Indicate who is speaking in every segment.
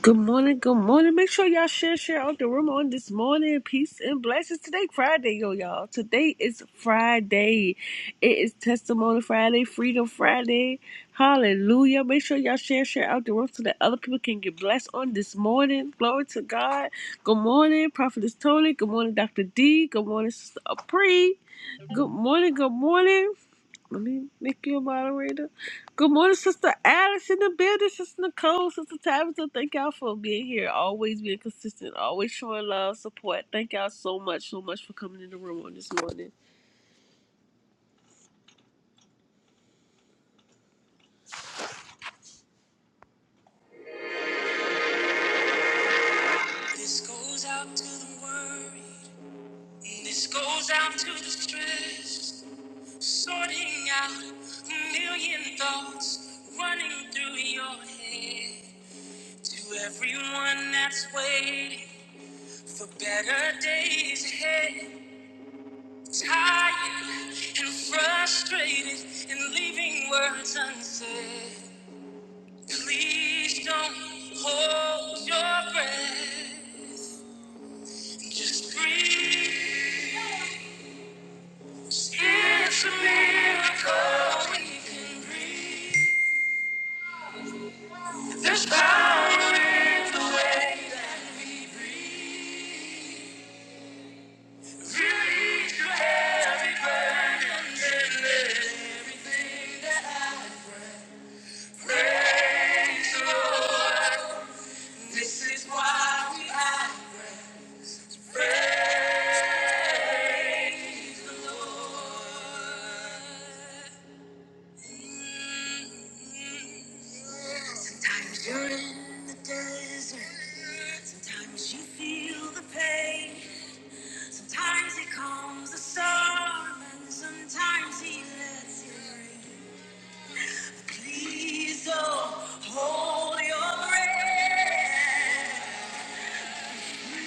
Speaker 1: Good morning, good morning. Make sure y'all share, share out the room on this morning. Peace and blessings. Today, Friday, yo, y'all. Today is Friday. It is Testimony Friday, Freedom Friday. Hallelujah. Make sure y'all share, share out the room so that other people can get blessed on this morning. Glory to God. Good morning, Prophetess Tony. Good morning, Dr. D. Good morning, Sister Apri. Good morning, good morning. Let me make you a moderator. Good morning, Sister Alice in the building, Sister Nicole, Sister Tabitha. Thank y'all for being here, always being consistent, always showing love, support. Thank y'all so much, so much for coming in the room on this morning. This goes out to the worry. This goes out to the stress. Sorting out a million thoughts running through your head. To everyone that's waiting for better days ahead. Tired and frustrated and leaving words unsaid. Please don't hold your breath. Just breathe. It's a miracle when you can breathe. There's power in the way. breathe. Release your heavy burden. This is why we act. Sometimes you're in the desert. Sometimes you feel the pain. Sometimes he calms the storm, and sometimes he lets it rain. Please don't hold your breath. I'm can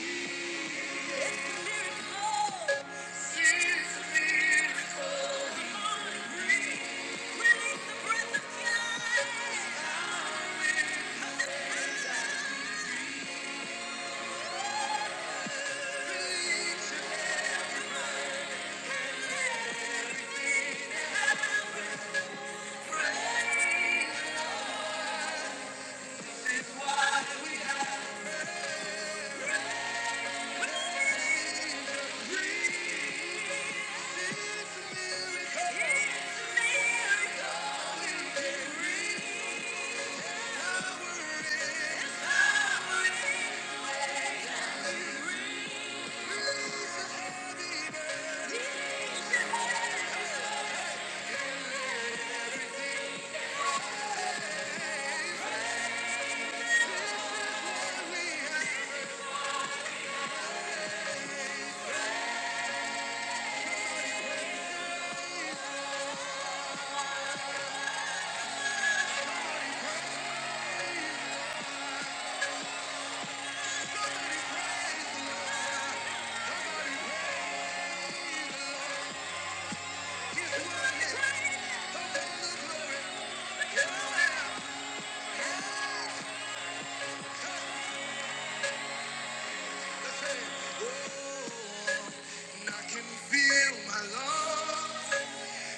Speaker 1: Feel my love.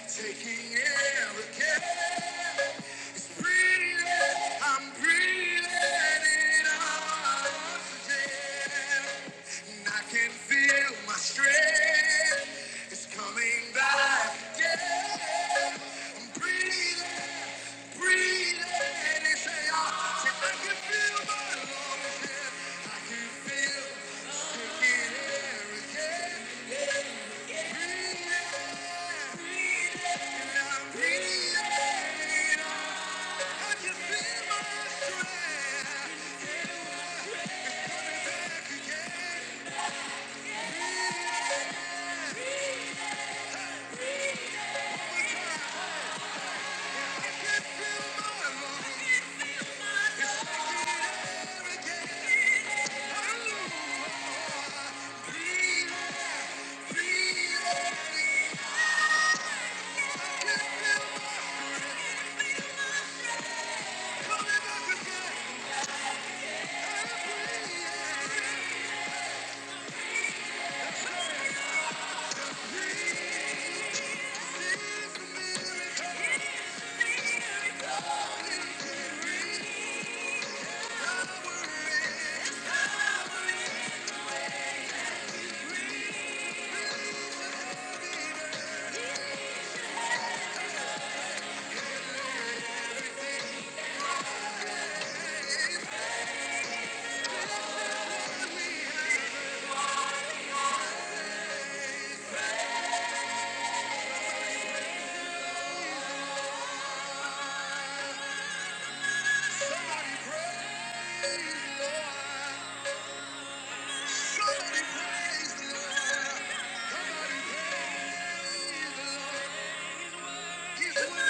Speaker 1: Taking air again. It's breathing. I'm breathing in oxygen. And I can feel my strength. It's coming back again. I'm breathing, breathing. It's air. So I can feel my lungs again. I can feel taking air again.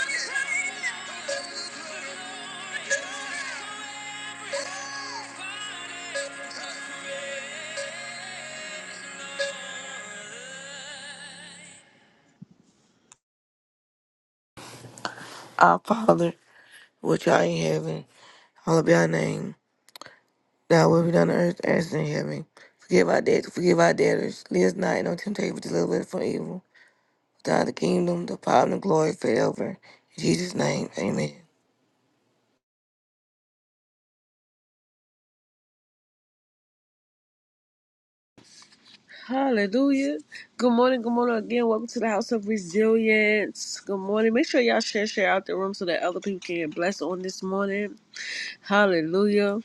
Speaker 1: Yeah.
Speaker 2: Our Father, which art in heaven, hallowed be thy name. Thy will be done on earth as it is in heaven. Forgive our debts, forgive our debtors. Lead us not into temptation, but deliver us from evil. Thou the kingdom, the power, and the glory forever. In Jesus' name, amen.
Speaker 1: Hallelujah. Good morning. Good morning again. Welcome to the House of Resilience. Good morning. Make sure y'all share, share out the room so that other people can get blessed on this morning. Hallelujah.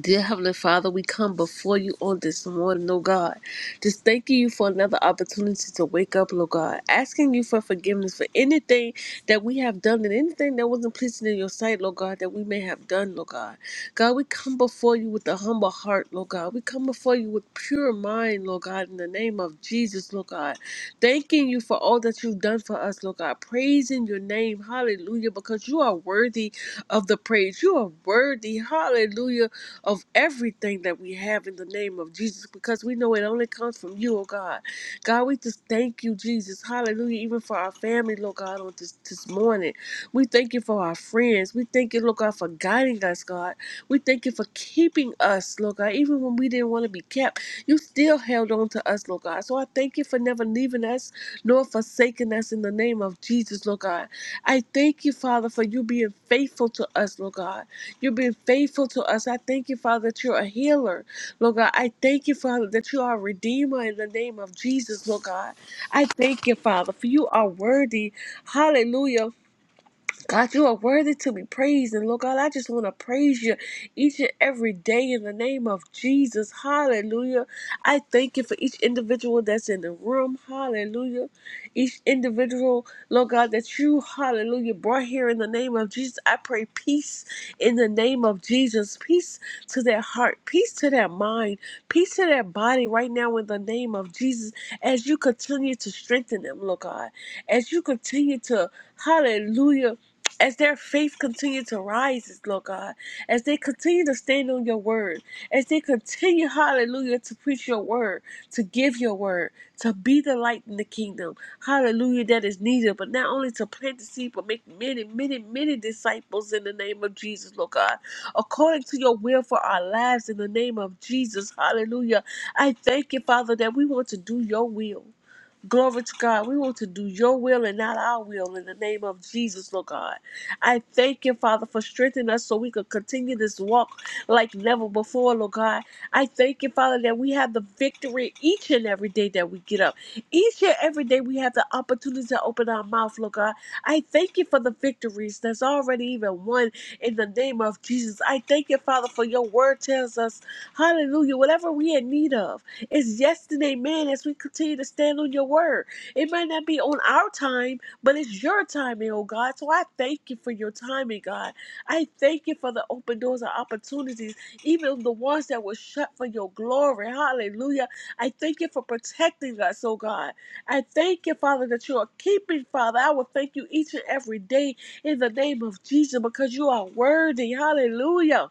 Speaker 1: Dear Heavenly Father, we come before you on this morning, oh God. Just thanking you for another opportunity to wake up, oh God. Asking you for forgiveness for anything that we have done and anything that wasn't pleasing in your sight, Lord God, that we may have done, Lord God. God, we come before you with a humble heart, Lord God. We come before you with pure mind, Lord God, in the name of Jesus, Lord God. Thanking you for all that you've done for us, Lord God. Praising your name, hallelujah, because you are worthy of the praise. You are worthy, hallelujah of everything that we have in the name of Jesus because we know it only comes from you, oh God. God, we just thank you, Jesus. Hallelujah. Even for our family, Lord God, on this, this morning. We thank you for our friends. We thank you, Lord God, for guiding us, God. We thank you for keeping us, Lord God. Even when we didn't want to be kept, you still held on to us, Lord God. So I thank you for never leaving us nor forsaking us in the name of Jesus, Lord God. I thank you, Father, for you being faithful to us, Lord God. You've been faithful to us. I thank you, Father, that you're a healer. Lord God, I thank you, Father, that you are a redeemer in the name of Jesus, Lord God. I thank you, Father, for you are worthy. Hallelujah God, you are worthy to be praised. And Lord God, I just want to praise you each and every day in the name of Jesus. Hallelujah. I thank you for each individual that's in the room. Hallelujah. Each individual, Lord God, that you, hallelujah, brought here in the name of Jesus. I pray peace in the name of Jesus. Peace to their heart, peace to their mind, peace to their body right now in the name of Jesus. As you continue to strengthen them, Lord God, as you continue to, hallelujah as their faith continue to rise, Lord God, as they continue to stand on your word, as they continue, hallelujah, to preach your word, to give your word, to be the light in the kingdom, hallelujah, that is needed, but not only to plant the seed, but make many, many, many disciples in the name of Jesus, Lord God, according to your will for our lives in the name of Jesus, hallelujah. I thank you, Father, that we want to do your will. Glory to God. We want to do your will and not our will in the name of Jesus, Lord God. I thank you, Father, for strengthening us so we could continue this walk like never before, Lord God. I thank you, Father, that we have the victory each and every day that we get up. Each and every day we have the opportunity to open our mouth, Lord God. I thank you for the victories that's already even won in the name of Jesus. I thank you, Father, for your word tells us, hallelujah, whatever we in need of. It's yes and amen as we continue to stand on your word. It might not be on our time, but it's your timing, oh God. So I thank you for your timing, God. I thank you for the open doors and opportunities, even the ones that were shut for your glory. Hallelujah. I thank you for protecting us, oh God. I thank you, Father, that you are keeping, Father. I will thank you each and every day in the name of Jesus because you are worthy. Hallelujah.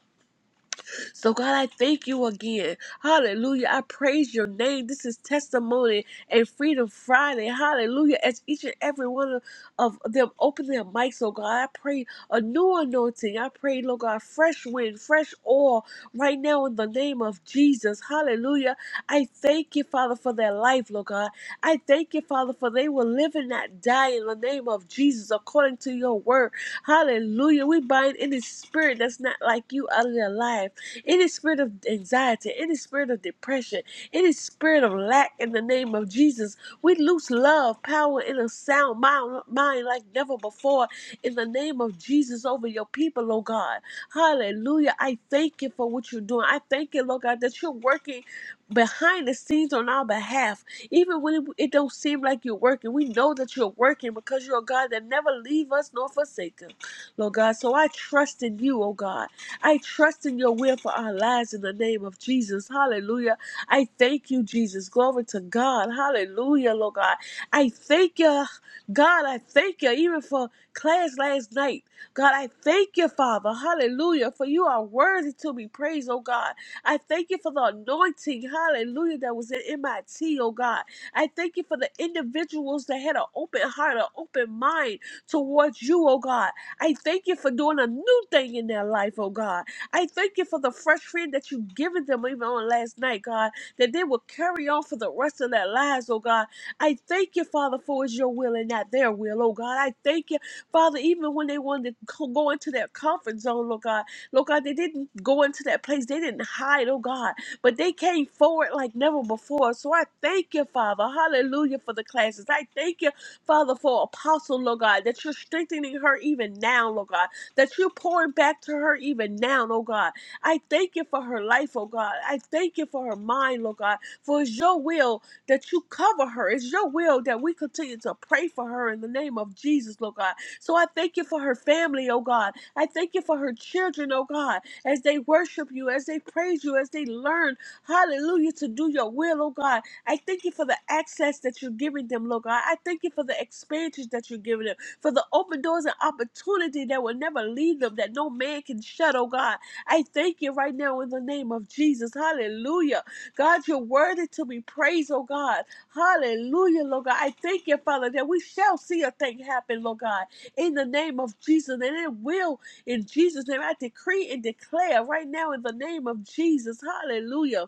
Speaker 1: So, God, I thank you again. Hallelujah. I praise your name. This is Testimony and Freedom Friday. Hallelujah. As each and every one of of them open their mics, oh God, I pray a new anointing. I pray, Lord God, fresh wind, fresh oil right now in the name of Jesus. Hallelujah. I thank you, Father, for their life, Lord God. I thank you, Father, for they will live and not die in the name of Jesus according to your word. Hallelujah. We bind any spirit that's not like you out of their life any spirit of anxiety, any spirit of depression, any spirit of lack in the name of Jesus. We loose love, power, and a sound mind, mind like never before in the name of Jesus over your people, oh God. Hallelujah. I thank you for what you're doing. I thank you, Lord God, that you're working behind the scenes on our behalf. Even when it, it don't seem like you're working, we know that you're working because you're a God that never leave us nor forsake us, Lord God. So I trust in you, oh God. I trust in your will for our lives in the name of Jesus. Hallelujah. I thank you, Jesus. Glory to God. Hallelujah, Lord God. I thank you, God. I thank you even for class last night. God, I thank you, Father. Hallelujah. For you are worthy to be praised, oh God. I thank you for the anointing. Hallelujah. That was in MIT, oh God. I thank you for the individuals that had an open heart, an open mind towards you, oh God. I thank you for doing a new thing in their life, oh God. I thank you for the fresh freedom that you've given them even on last night, God, that they will carry on for the rest of their lives, oh God. I thank you, Father, for it's your will and not their will, oh God. I thank you, Father, even when they wanted to co- go into their comfort zone, Lord God. Lord God, they didn't go into that place. They didn't hide, oh God, but they came forward like never before. So I thank you, Father. Hallelujah for the classes. I thank you Father, for Apostle, Lord God, that you're strengthening her even now, Lord God, that you're pouring back to her even now, Lord God. I thank you for her life, oh God. I thank you for her mind, Lord God, for it's your will that you cover her. It's your will that we continue to pray for her in the name of Jesus, Lord God. So I thank you for her family, oh God. I thank you for her children, oh God, as they worship you, as they praise you, as they learn, hallelujah, to do your will, oh God. I thank you for the access that you're giving them, Lord God. I thank you for the experiences that you're giving them, for the open doors and opportunity that will never leave them, that no man can shut, oh God. I thank you right now in the name of Jesus. Hallelujah. God, you're worthy to be praised, oh God. Hallelujah, Lord God. I thank you, Father, that we shall see a thing happen, Lord God, in the name of Jesus. And it will in Jesus' name. I decree and declare right now in the name of Jesus. Hallelujah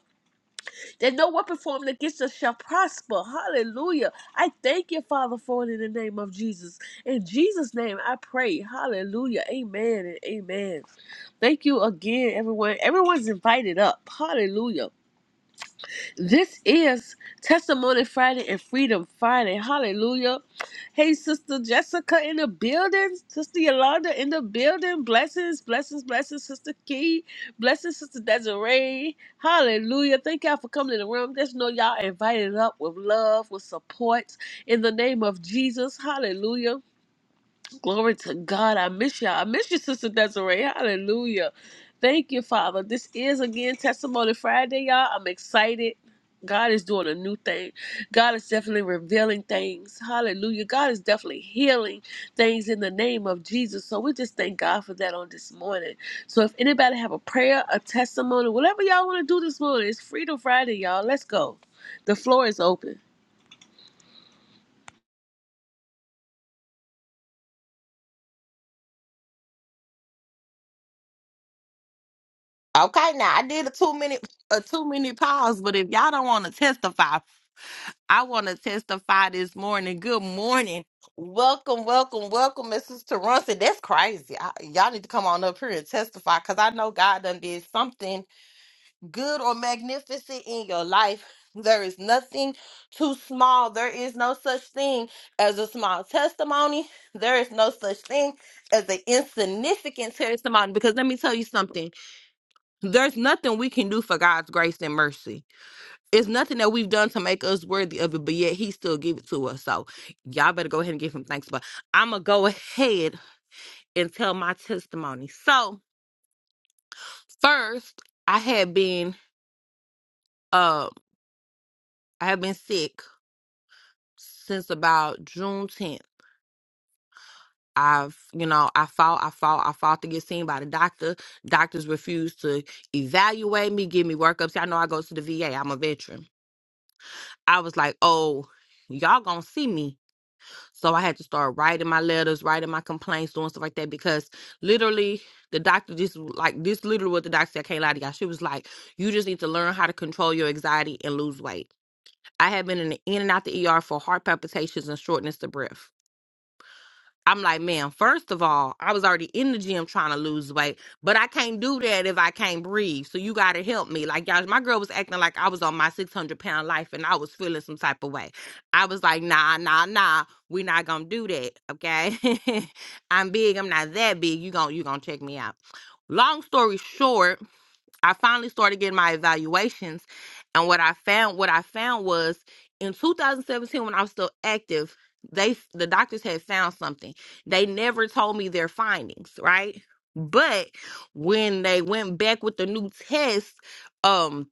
Speaker 1: that no weapon formed against us shall prosper. Hallelujah. I thank you, Father, for it in the name of Jesus. In Jesus' name, I pray. Hallelujah. Amen and amen. Thank you again, everyone. Everyone's invited up. Hallelujah. This is Testimony Friday and Freedom Friday. Hallelujah. Hey, Sister Jessica in the building. Sister Yolanda in the building. Blessings, blessings, blessings, Sister Key. Blessings, Sister Desiree. Hallelujah. Thank y'all for coming in the room. Just know y'all invited up with love, with support in the name of Jesus. Hallelujah. Glory to God. I miss y'all. I miss you, Sister Desiree. Hallelujah. Thank you, Father. This is again Testimony Friday, y'all. I'm excited. God is doing a new thing. God is definitely revealing things. Hallelujah. God is definitely healing things in the name of Jesus. So we just thank God for that on this morning. So if anybody have a prayer, a testimony, whatever y'all want to do this morning, it's Freedom Friday, y'all. Let's go. The floor is open.
Speaker 3: Okay, now I did a two minute a two minute pause, but if y'all don't want to testify, I want to testify this morning. Good morning. Welcome, welcome, welcome, Mrs. Taronson. That's crazy. I, y'all need to come on up here and testify because I know God done did something good or magnificent in your life. There is nothing too small. There is no such thing as a small testimony. There is no such thing as an insignificant testimony. Because let me tell you something. There's nothing we can do for God's grace and mercy. It's nothing that we've done to make us worthy of it, but yet He still give it to us. So y'all better go ahead and give Him thanks. But I'm gonna go ahead and tell my testimony. So first, I had been uh I have been sick since about June 10th. I've you know I fought I fought I fought to get seen by the doctor. Doctors refused to evaluate me, give me workups. Y'all know I go to the VA. I'm a veteran. I was like, oh, y'all gonna see me So I had to start writing my letters, writing my complaints, doing stuff like that because literally the doctor just like this literally what the doctor said, I can't lie to y'all. She was like, You just need to learn how to control your anxiety and lose weight. I had been in the in and out the ER for heart palpitations and shortness of breath. I'm like, man, first of all, I was already in the gym trying to lose weight, but I can't do that if I can't breathe. So you got to help me. Like, y'all, my girl was acting like I was on my 600 pound life and I was feeling some type of way. I was like, nah, nah, nah, we not going to do that. Okay. I'm big. I'm not that big. you gonna you going to check me out. Long story short, I finally started getting my evaluations, and what I found what I found was in 2017 when I was still active, they the doctors had found something. They never told me their findings, right? But when they went back with the new test, um,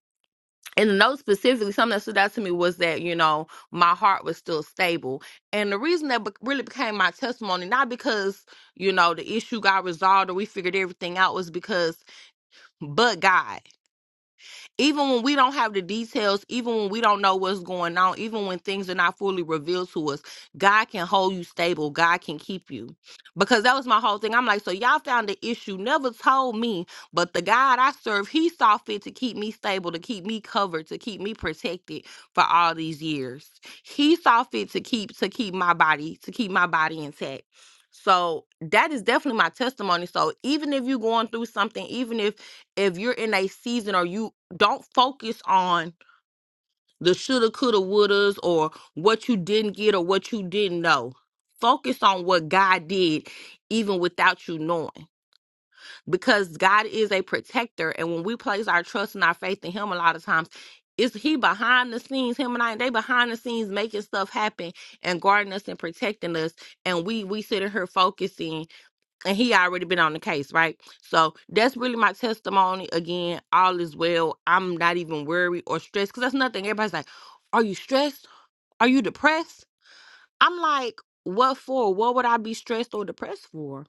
Speaker 3: and the note specifically, something that stood out to me was that you know my heart was still stable, and the reason that be- really became my testimony, not because you know the issue got resolved or we figured everything out, was because but God even when we don't have the details, even when we don't know what's going on, even when things are not fully revealed to us, God can hold you stable. God can keep you. Because that was my whole thing. I'm like, so y'all found the issue, never told me, but the God I serve, He saw fit to keep me stable, to keep me covered, to keep me protected for all these years. He saw fit to keep to keep my body, to keep my body intact. So that is definitely my testimony. So even if you're going through something, even if if you're in a season or you don't focus on the shoulda, coulda, wouldas, or what you didn't get or what you didn't know. Focus on what God did, even without you knowing, because God is a protector. And when we place our trust and our faith in Him, a lot of times it's He behind the scenes. Him and I, they behind the scenes making stuff happen and guarding us and protecting us. And we we sitting here focusing and he already been on the case, right? So that's really my testimony. Again, all is well. I'm not even worried or stressed because that's nothing. Everybody's like, "Are you stressed? Are you depressed?" I'm like, "What for? What would I be stressed or depressed for?"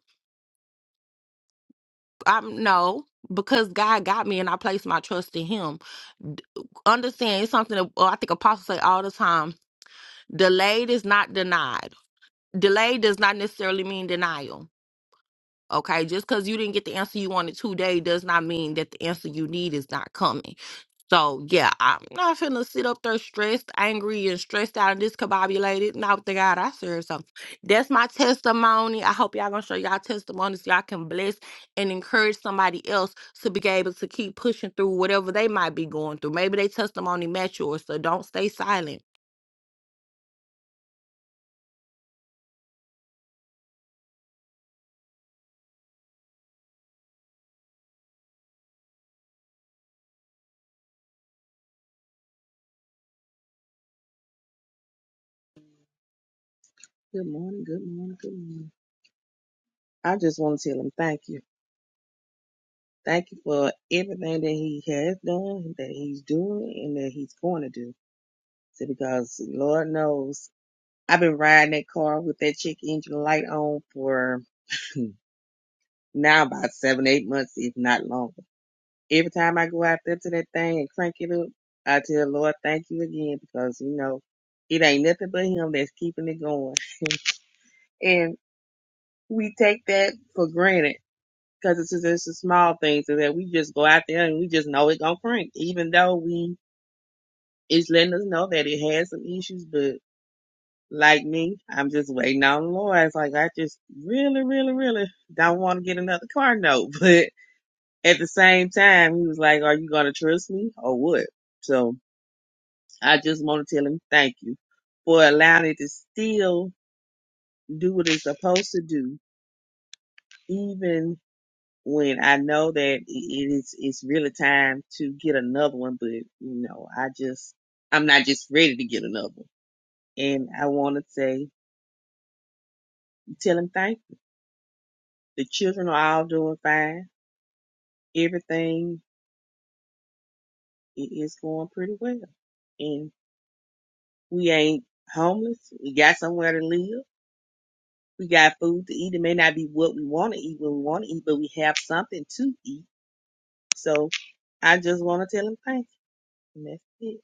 Speaker 3: I'm no, because God got me and I placed my trust in Him. D- Understand? It's something that uh, I think apostles say all the time: delayed is not denied. Delayed does not necessarily mean denial Okay, just because you didn't get the answer you wanted today does not mean that the answer you need is not coming. So, yeah, I'm not finna sit up there stressed, angry, and stressed out and discombobulated. Not the God I serve. So, that's my testimony. I hope y'all gonna show y'all testimonies. so Y'all can bless and encourage somebody else to be able to keep pushing through whatever they might be going through. Maybe they testimony match yours. So, don't stay silent
Speaker 4: Good morning, good morning, good morning. I just want to tell him thank you. Thank you for everything that he has done, that he's doing, and that he's going to do. So because Lord knows, I've been riding that car with that check engine light on for now about seven, eight months, if not longer. Every time I go out there to that thing and crank it up, I tell Lord, thank you again because, you know, it ain't nothing but him that's keeping it going. And we take that for granted because it's just it's the small things that we just go out there and we just know it gonna crank, even though we it's letting us know that it has some issues. But like me, I'm just waiting on the Lord. It's like I just really, really, really don't want to get another car note, but at the same time, He was like, "Are you gonna trust me or what?" So I just want to tell Him thank you for allowing it to still do what it's supposed to do, even when I know that it is it's really time to get another one, but you know, I just I'm not just ready to get another one. And I want to say, tell him thank you. The children are all doing fine. Everything i- is going pretty well, and we ain't homeless. We got somewhere to live. We got food to eat. It may not be what we want to eat when we want to eat, but we have something to eat. So I just want to tell him thank you. And that's it.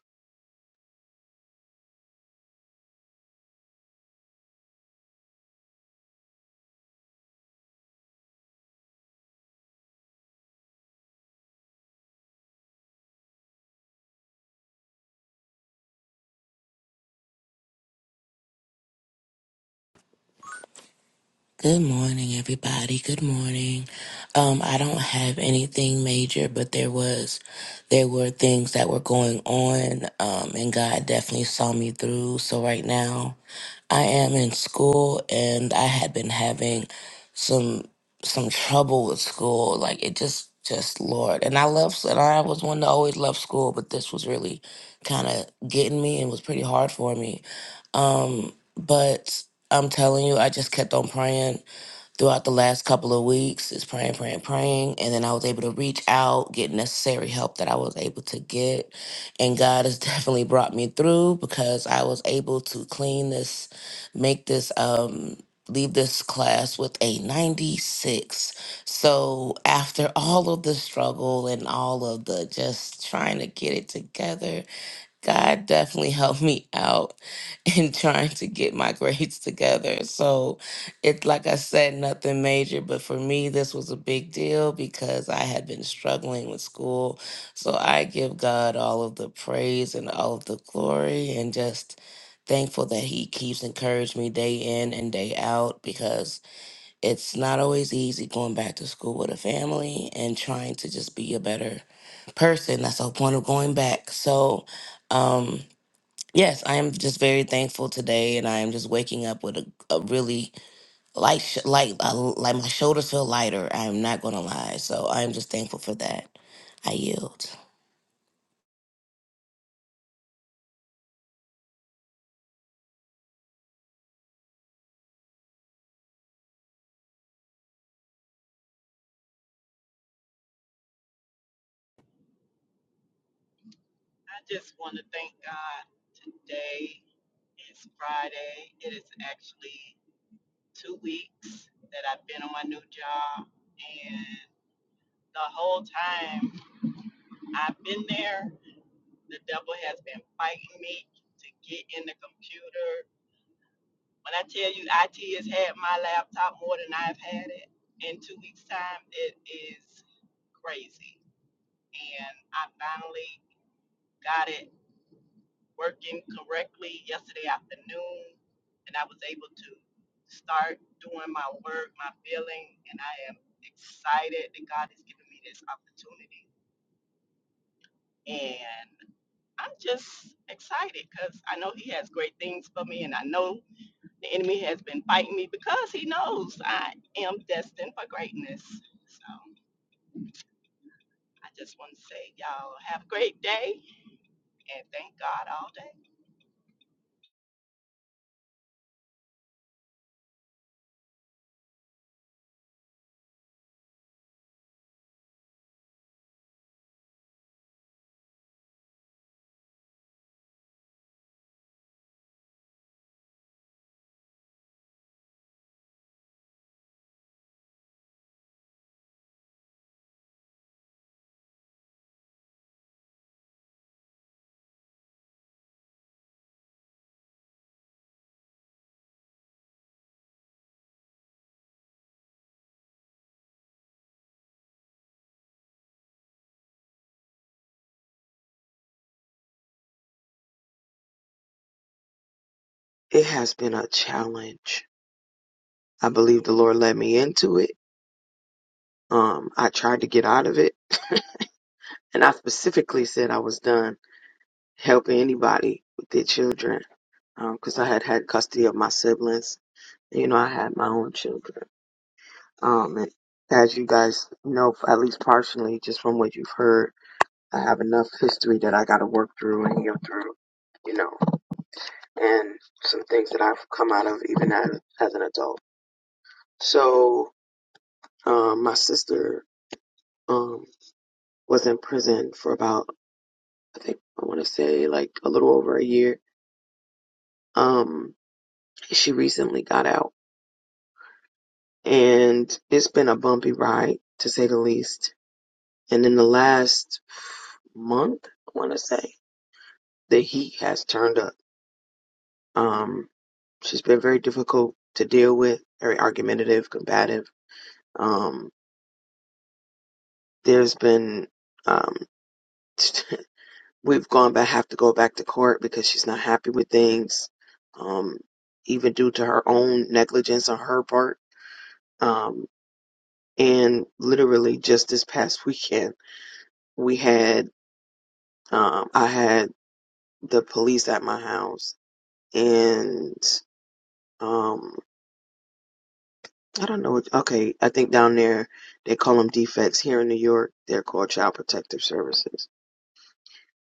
Speaker 5: Good morning, everybody. Good morning. Um, I don't have anything major, but there was, there were things that were going on, um, and God definitely saw me through. So right now, I am in school, and I had been having some some trouble with school. Like it just, just Lord. And I love, and I was one to always love school, but this was really kind of getting me, and was pretty hard for me. Um, but I'm telling you, I just kept on praying throughout the last couple of weeks is praying, praying, praying. And then I was able to reach out, get necessary help that I was able to get. And God has definitely brought me through because I was able to clean this, make this, um, leave this class with a 96. So after all of the struggle and all of the just trying to get it together, God definitely helped me out in trying to get my grades together. So it's like I said, nothing major, but for me, this was a big deal because I had been struggling with school. So I give God all of the praise and all of the glory and just thankful that He keeps encouraging me day in and day out because it's not always easy going back to school with a family and trying to just be a better person. That's the whole point of going back. So, um, yes, I am just very thankful today, and I am just waking up with a, a really light, sh- light, uh, like my shoulders feel lighter. I'm not gonna lie. So I am just thankful for that. I yield.
Speaker 6: I just want to thank God. Today is Friday. It is actually two weeks that I've been on my new job. And the whole time I've been there, the devil has been fighting me to get in the computer. When I tell you IT has had my laptop more than I've had it, in two weeks' time, it is crazy. And I finally got it working correctly yesterday afternoon, and I was able to start doing my work, my billing, and I am excited that God has given me this opportunity. And I'm just excited because I know He has great things for me, and I know the enemy has been fighting me because He knows I am destined for greatness. So I just want to say, y'all have a great day and thank God all day.
Speaker 7: it has been a challenge. I believe the Lord led me into it. Um, I tried to get out of it, and I specifically said I was done helping anybody with their children because I had had custody of my siblings. You know, I had my own children. Um, and as you guys know, at least partially, just from what you've heard, I have enough history that I got to work through and heal through you know, and some things that I've come out of even as, as an adult. So, um, my sister um, was in prison for about, I think, I want to say like a little over a year. Um, she recently got out and it's been a bumpy ride to say the least. And in the last month, I want to say the heat has turned up. Um, she's been very difficult to deal with, very argumentative, combative. Um, there's been, um, we've gone back have to go back to court because she's not happy with things um even due to her own negligence on her part um and literally just this past weekend we had um i had the police at my house and um i don't know what- okay i think down there they call them defects here in new york they're called child protective services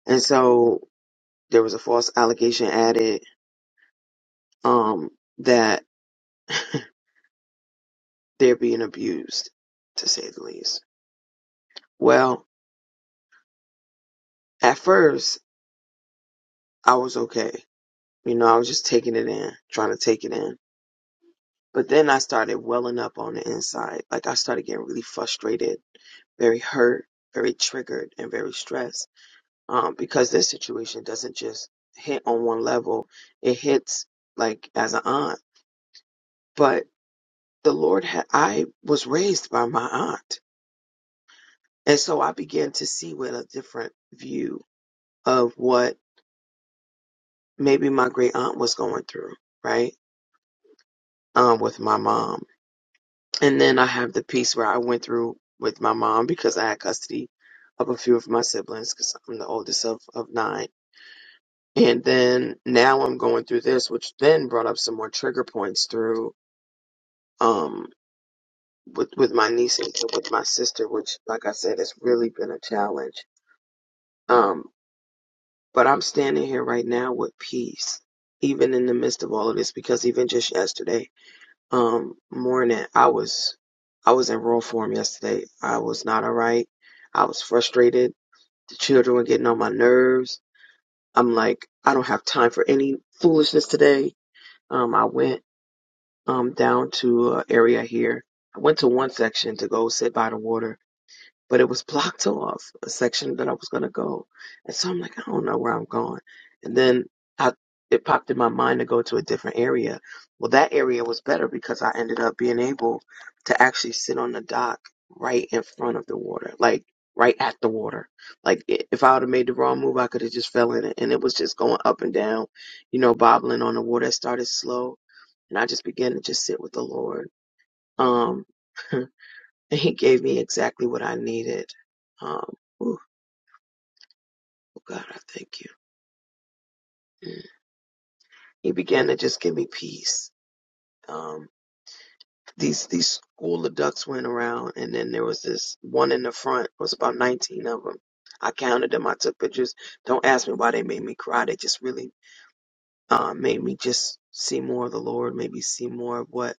Speaker 7: and so there was a false allegation added um that they're being abused, to say the least. Well, at first, I was okay. You know, I was just taking it in, trying to take it in. But then I started welling up on the inside. Like, I started getting really frustrated, very hurt, very triggered, and very stressed. Um, because this situation doesn't just hit on one level, it hits like as an aunt. But the Lord had, I was raised by my aunt. And so I began to see with a different view of what maybe my great aunt was going through, right? Um, with my mom. And then I have the piece where I went through with my mom because I had custody of a few of my siblings because I'm the oldest of, of nine. And then now I'm going through this, which then brought up some more trigger points through, um, with, with my niece and with my sister, which, like I said, has really been a challenge. Um, but I'm standing here right now with peace, even in the midst of all of this, because even just yesterday, um morning i was i was in raw form yesterday i was not all right i was frustrated the children were getting on my nerves i'm like i don't have time for any foolishness today um i went um down to an area here i went to one section to go sit by the water but it was blocked off a section that I was going to go. And so I'm like, I don't know where I'm going. And then I, it popped in my mind to go to a different area. Well, that area was better because I ended up being able to actually sit on the dock right in front of the water, like right at the water. Like i- if I would have made the wrong move, I could have just fell in it. And it was just going up and down, you know, bobbling on the water. It started slow. And I just began to just sit with the Lord. Um, and he gave me exactly what I needed. Um, ooh, oh God, I thank you. Mm. He began to just give me peace. Um, these these school adults went around, and then there was this one in the front. It was about 19 of them. I counted them. I took pictures. Don't ask me why they made me cry. They just really uh, made me just see more of the Lord. Maybe see more of what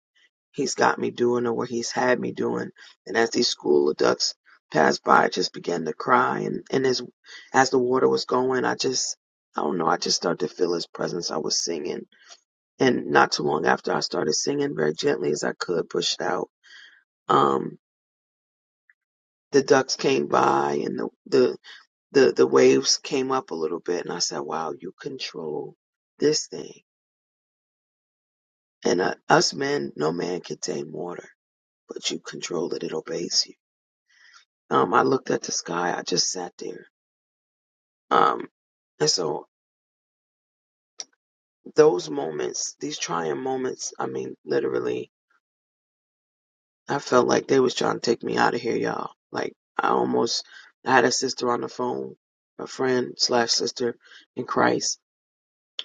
Speaker 7: he's got me doing or what he's had me doing. And as these school adults passed by, I just began to cry. And, and as, as the water was going, I just, I don't know, I just started to feel his presence. I was singing. And not too long after I started singing very gently as I could, pushed out. Um, the ducks came by and the, the, the, the waves came up a little bit. And I said, wow, you control this thing. And uh, us men, no man can tame water, but you control it. It obeys you Um, I looked at the sky. I just sat there. Um, and so those moments, these trying moments, I mean, literally, I felt like they was trying to take me out of here, y'all. Like I almost, I had a sister on the phone, a friend slash sister in Christ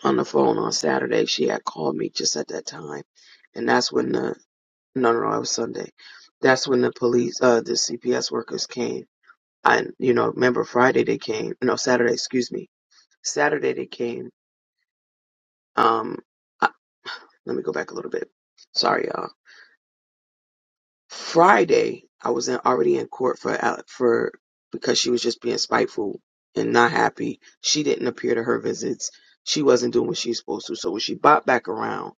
Speaker 7: on the phone on Saturday. She had called me just at that time, and that's when the no, no, no, it was Sunday. That's when the police, uh, the CPS workers came. I, you know, remember Friday they came. No, Saturday, excuse me. Saturday they came Um, uh, let me go back a little bit. Sorry, y'all. Friday, I was in, already in court for Ale- for because she was just being spiteful and not happy. She didn't appear to her visits. She wasn't doing what she was supposed to. So when she bopped back around,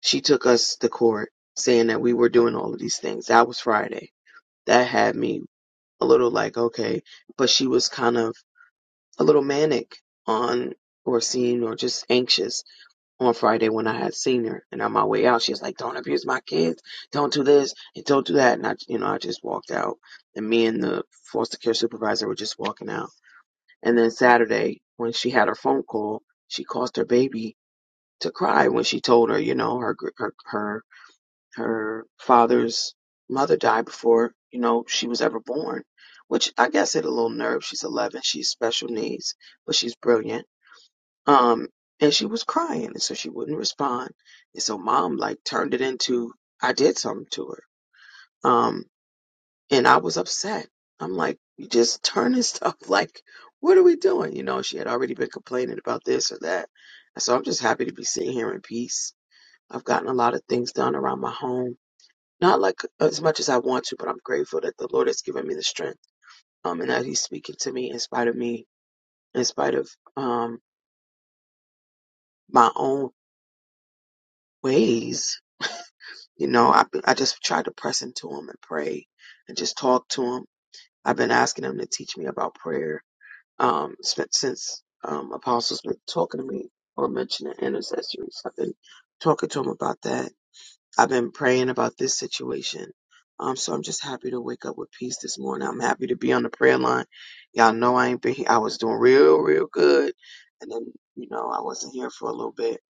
Speaker 7: she took us to court saying that we were doing all of these things. That was Friday. That had me a little like okay, but she was kind of a little manic on or seen or just anxious on Friday when I had seen her and on my way out, she was like, Don't abuse my kids. Don't do this and don't do that. And I, you know, I just walked out and me and the foster care supervisor were just walking out. And then Saturday, when she had her phone call, she caused her baby to cry when she told her, you know, her, her, her, her father's mother died before, you know, she was ever born, which I guess hit a little nerve. She's 11. She's special needs, but she's brilliant um, and she was crying, and so she wouldn't respond. And so mom like turned it into I did something to her. Um, and I was upset. I'm like, you just turning stuff like, what are we doing? You know, she had already been complaining about this or that. And so I'm just happy to be sitting here in peace. I've gotten a lot of things done around my home. Not like as much as I want to, but I'm grateful that the Lord has given me the strength. Um, and that He's speaking to me in spite of me, in spite of um my own ways You know, I I just tried to press into him and pray and just talk to him. I've been asking him to teach me about prayer um, sp- since um, Apostle's been talking to me or mentioning intercessories. I've been talking to him about that. I've been praying about this situation. Um, so I'm just happy to wake up with peace this morning. I'm happy to be on the prayer line. Y'all know I ain't been here. I was doing real, real good. And then, you know, I wasn't here for a little bit.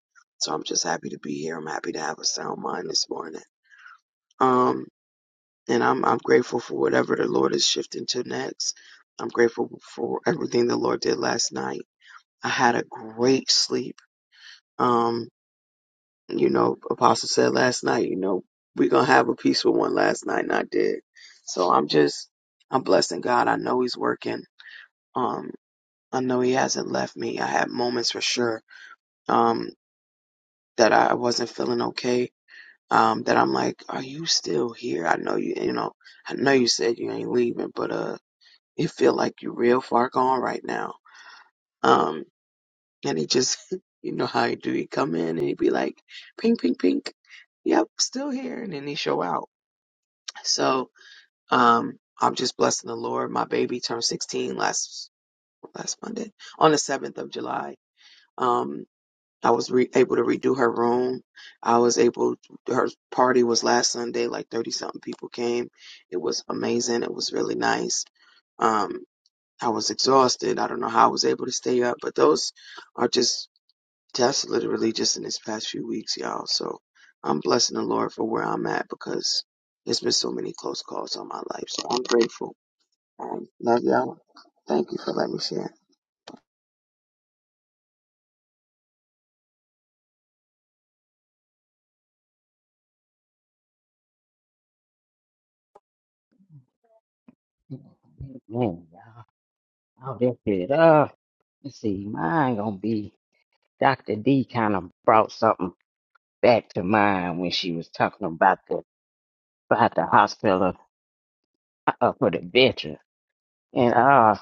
Speaker 7: So I'm just happy to be here. I'm happy to have a sound mind this morning. Um, and I'm I'm grateful for whatever the Lord is shifting to next. I'm grateful for everything the Lord did last night. I had a great sleep. Um, you know, Apostle said last night, you know, we're gonna have a peaceful one last night, and I did. So I'm just I'm blessing God. I know He's working. Um, I know He hasn't left me. I had moments for sure. Um, that I wasn't feeling okay. Um, that I'm like, are you still here? I know you, you know, I know you said you ain't leaving, but uh You feel like you're real far gone right now. Um, and he just, you know how he do. He come in and he be like, pink, pink, pink. Yep, still here. And then he show out. So, um, I'm just blessing the Lord. My baby turned 16 last, last Monday on the 7th of July. Um, I was re- able to redo her room. I was able, her party was last Sunday, like 30 something people came. It was amazing. It was really nice. Um. I was exhausted. I don't know how I was able to stay up, but those are just tests, literally just in this past few weeks, y'all. So I'm blessing the Lord for where I'm at because there's been so many close calls on my life. So I'm grateful. Um, love y'all. Thank you for letting me share.
Speaker 8: Man, y'all, all that shit. up. let's see, mine gonna be Dr. D kind of brought something back to mind when she was talking about the about the hospital uh, for the veterans, and uh,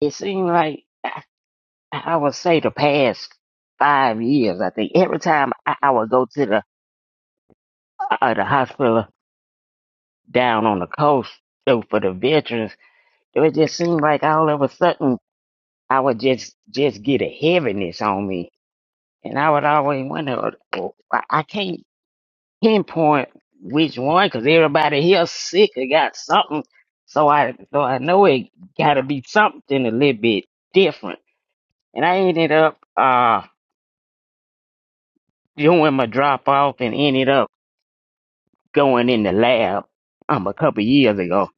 Speaker 8: it seemed like I would say the past five years, I think every time I, I would go to the uh, the hospital down on the coast so for the veterans, it would just seem like all of a sudden I would just just get a heaviness on me And I would always wonder, uh, oh, I I can't pinpoint which one because everybody here sick or got something. So I, so I know it got to be something a little bit different. And I ended up uh doing my drop off and ended up going in the lab um a couple years ago.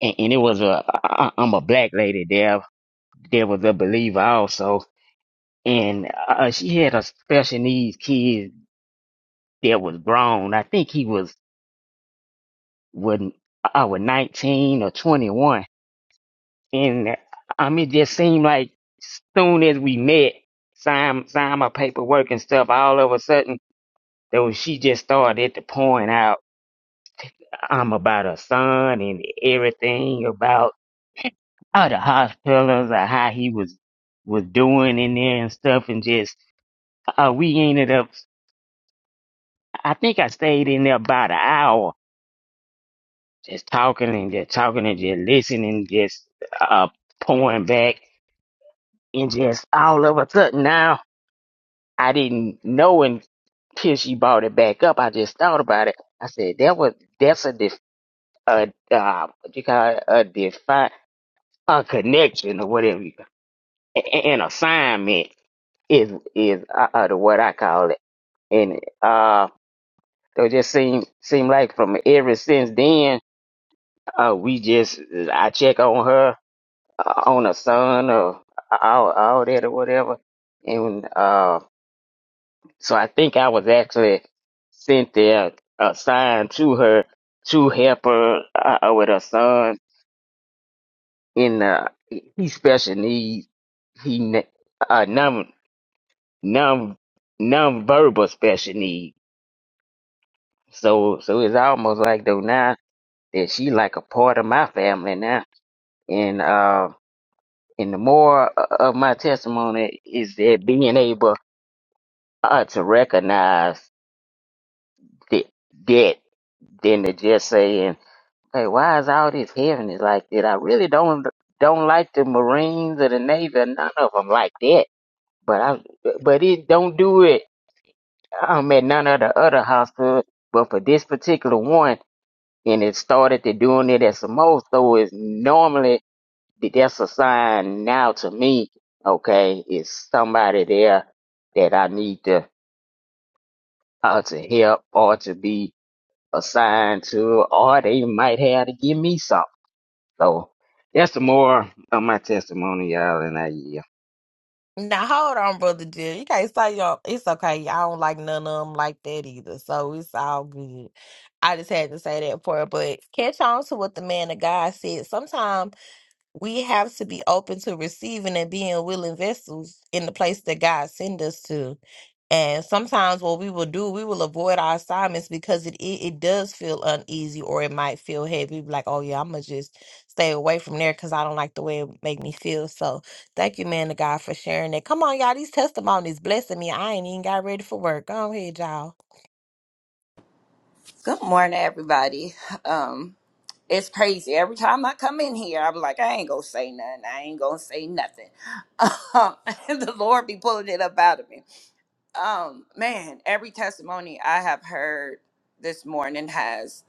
Speaker 8: And, and it was a I, I- I'm a black lady there. There was a believer also, and uh, she had a special needs kid that was grown. I think he was when I was 19 or 21. And I mean, it just seemed like soon as we met, signed, signed my paperwork and stuff, all of a sudden, though she just started to point out um, about her son and everything about all the hospitals or how he was was doing in there and stuff and just uh, we ended up I think I stayed in there about an hour just talking and just talking and just listening just uh pouring back and just all of a sudden now I didn't know until she brought it back up. I just thought about it. I said that was that's a def, a uh, what you call it, a defi a connection or whatever you call it. a- a- an assignment is is uh, uh, what I call it. And uh, so it just seem seem like from ever since then uh, we just I check on her uh, on her son or uh, all all that or whatever and uh. So I think I was actually sent there, assigned to her to help her uh, uh, with her son in uh, he special needs. He ne- uh, non non non-verbal special needs. So so it's almost like though now that she like a part of my family now. And uh, and the more o- of my testimony is that being able uh, to recognize that that than to just saying. Okay, why is all this heaviness like that? I really don't don't like the Marines or the Navy. or None of them like that. But I but it don't do it. I'm at none of the other hospitals. But for this particular one, and it started to doing it at Samoa. So it's normally that's a sign now to me. Okay, it's somebody there that I need to uh, to help or to be assigned to, or they might have to give me something. So that's some more of my testimony, y'all, and I yeah.
Speaker 3: Now hold on, brother Jill. You can't say y'all. It's okay. I don't like none of them like that either. So it's all good. I just had to say that for it. But catch on to what the man of God said. Sometimes we have to be open to receiving and being willing vessels in the place that God send us to. And sometimes what we will do, we will avoid our assignments because it, it it does feel uneasy or it might feel heavy. Be Like, oh yeah, I'm gonna just stay away from there because I don't like the way it make me feel. So thank you, man, to God for sharing that. Come on, y'all, these testimonies blessing me. I ain't even got ready for work. Go ahead, y'all.
Speaker 9: Good morning, everybody. Um, it's crazy. Every time I come in here, I'm like, I ain't gonna say nothing. I ain't gonna say nothing. Um, and the Lord be pulling it up out of me. Um, man, every testimony I have heard this morning has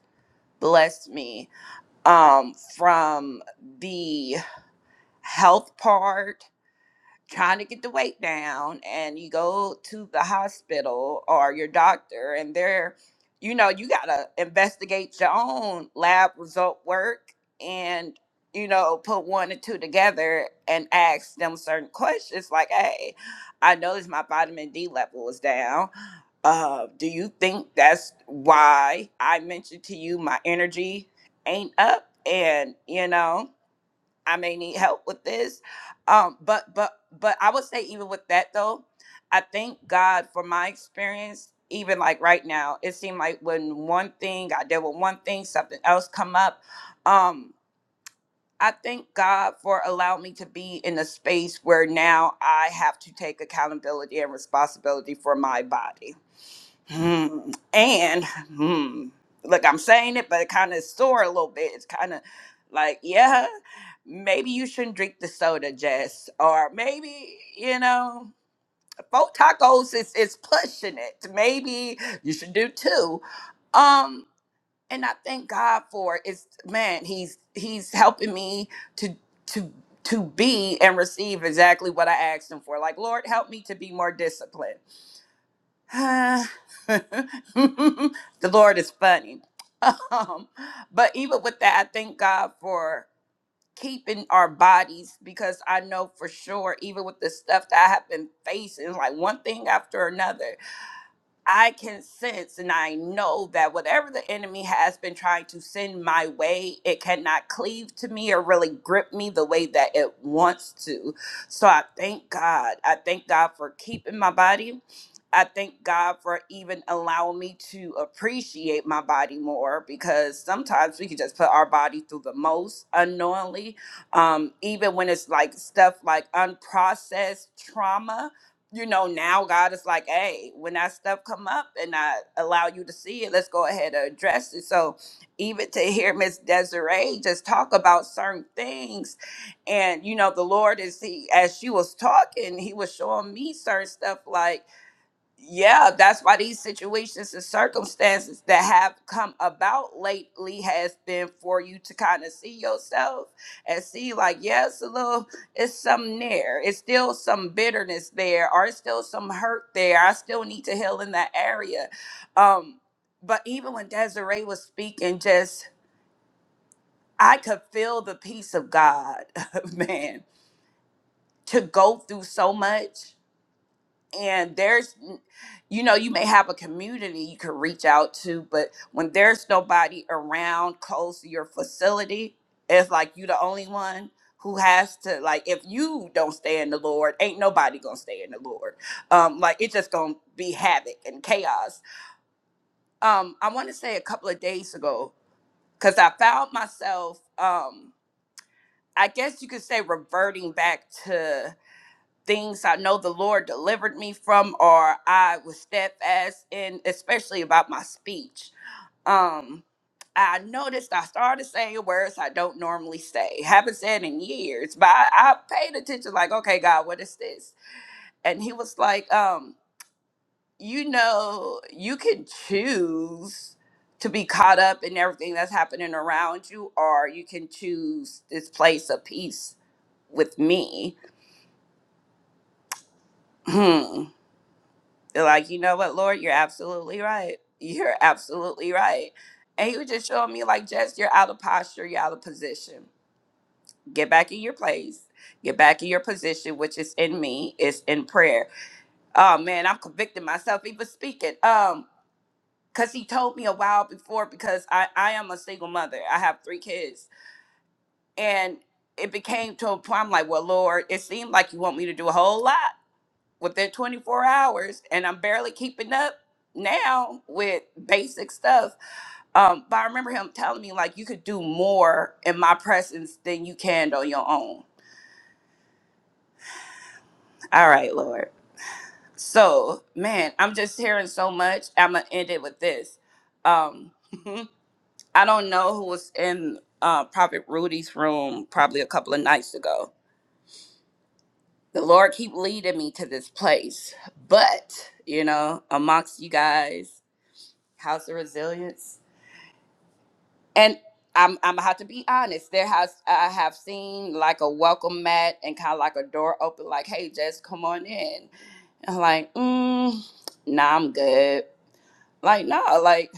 Speaker 9: blessed me. Um, from the health part trying to get the weight down and you go to the hospital or your doctor and they're you know you got to investigate your own lab result work and you know put one and two together and ask them certain questions like hey i noticed my vitamin d level was down uh, do you think that's why i mentioned to you my energy ain't up and you know I may need help with this. Um, but but but I would say even with that though, I thank God for my experience. Even like right now, it seemed like when one thing I dealt with one thing, something else come up. Um, I thank God for allowing me to be in a space where now I have to take accountability and responsibility for my body Hmm. And hmm, look, I'm saying it, but it kind of sore a little bit. It's kind of like, yeah, maybe you shouldn't drink the soda, Jess, or maybe you know, four tacos is is pushing it. Maybe you should do two. Um, and I thank God for it. it's man, he's he's helping me to to to be and receive exactly what I asked him for. Like, Lord, help me to be more disciplined. Ah, the Lord is funny. Um, but even with that, I thank God for keeping our bodies because I know for sure, even with the stuff that I have been facing, like one thing after another. I can sense and I know that whatever the enemy has been trying to send my way, it cannot cleave to me or really grip me the way that it wants to. So I thank God. I thank God for keeping my body. I thank God for even allowing me to appreciate my body more because sometimes we can just put our body through the most unknowingly. Um, even when it's like stuff like unprocessed trauma, you know, now God is like, hey, when that stuff come up and I allow you to see it, let's go ahead and address it. So even to hear Miss Desiree just talk about certain things, and you know, the Lord is he as she was talking, he was showing me certain stuff like yeah that's why these situations and circumstances that have come about lately has been for you to kind of see yourself and see like yes a little it's something there it's still some bitterness there or it's still some hurt there i still need to heal in that area um but even when desiree was speaking just i could feel the peace of god man to go through so much and there's n- you know you may have a community you can reach out to but when there's nobody around close to your facility it's like you the only one who has to like if you don't stay in the lord ain't nobody gonna stay in the lord um like it's just gonna be havoc and chaos um i want to say a couple of days ago because i found myself um i guess you could say reverting back things I know the Lord delivered me from, or I was steadfast in, especially about my speech. Um, I noticed I started saying words I don't normally say. Haven't said in years, but I, I paid attention, like, okay, God, what is this? And he was like, um, you know, you can choose to be caught up in everything that's happening around you, or you can choose this place of peace with me. They're like, you know what, Lord, you're absolutely right. You're absolutely right. And he was just showing me, like, Jess, you're out of posture, you're out of position. Get back in your place. Get back in your position, which is in me, is in prayer. Oh man, I'm convicting myself even speaking. Um, because he told me a while before, because I, I am a single mother. I have three kids. And it became to a point I'm like, well, Lord, it seemed like you want me to do a whole lot. within 24 hours and I'm barely keeping up now with basic stuff. Um, but I remember him telling me like you could do more in my presence than you can on your own. All right, Lord. So man, I'm just hearing so much. I'ma end it with this. Um I don't know who was in uh Prophet Rudy's room probably a couple of nights ago. The Lord keep leading me to this place. But, you know, amongst you guys, House of Resilience, And I'm I'm gonna have to be honest. There has I have seen like a welcome mat and kind of like a door open, like, "Hey, just come on in." And I'm like, mm, "Nah, I'm good." Like, no, like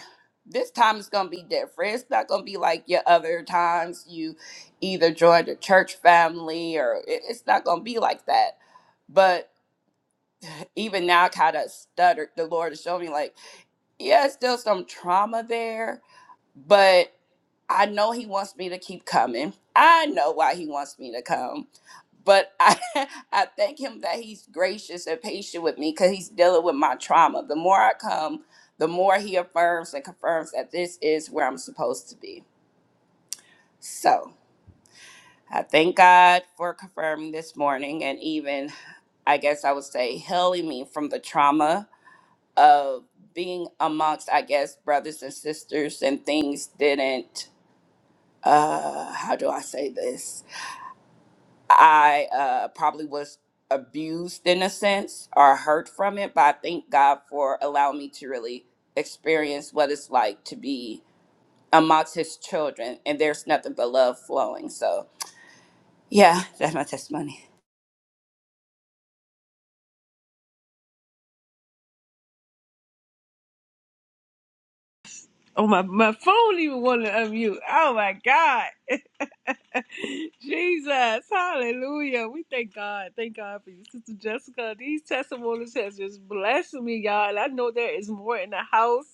Speaker 9: this time it's gonna be different. It's not gonna be like your other times. You either joined a church family or it- it's not gonna be like that. But even now, kind of stuttered. The Lord is showing me, like, yeah, it's still some trauma there, but. I know he wants me to keep coming. I know why he wants me to come. But I, I thank him that he's gracious and patient with me because he's dealing with my trauma. The more I come, the more he affirms and confirms that this is where I'm supposed to be. So I thank God for confirming this morning and even, I guess I would say, healing me from the trauma of being amongst, I guess, brothers and sisters and things didn't, uh, how do I say this? I uh, probably was abused in a sense or hurt from it, but I thank God for allowing me to really experience what it's like to be amongst His children, and there's nothing but love flowing. So, yeah, that's my testimony.
Speaker 1: Oh my, my phone even wanted to unmute. Oh my God. Jesus. Hallelujah. We thank God. Thank God for you, Sister Jessica. These testimonies has just blessed me, y'all. And I know there is more in the house.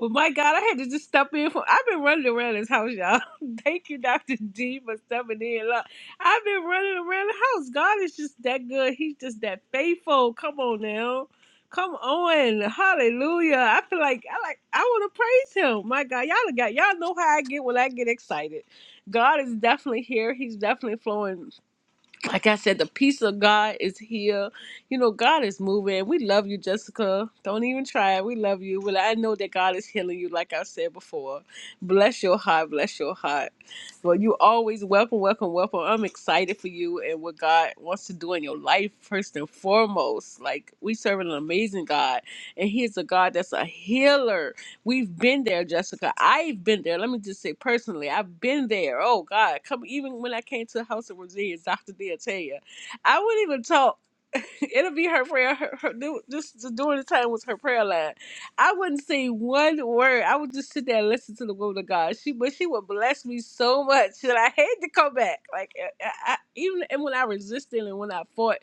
Speaker 1: But my God, I had to just step in from I've been running around this house, y'all. thank you, Dr. D, for stepping in. Look, I've been running around the house. God is just that good. He's just that faithful. Come on now. Come on, hallelujah! I feel like I like I want to praise him. My God, y'all got y'all know how I get when I get excited. God is definitely here. He's definitely flowing like I said, the peace of God is here. You know, God is moving. We love you, Jessica. Don't even try it. We love you. Well, I know that God is healing you, like I said before. Bless your heart. Bless your heart. Well, you always welcome, welcome, welcome. I'm excited for you and what God wants to do in your life, first and foremost. Like, we serve an amazing God, and He is a God that's a healer We've been there, Jessica. I've been there. Let me just say personally, I've been there. Oh God, come even when I came to the house of Resilience, Doctor D, I tell you, I wouldn't even talk. It'll be her prayer. Her, her this during the time was her prayer line. I wouldn't say one word. I would just sit there and listen to the woman of God. She, but she would bless me so much that I had to come back. Like I, I, even and when I resisted and when I fought,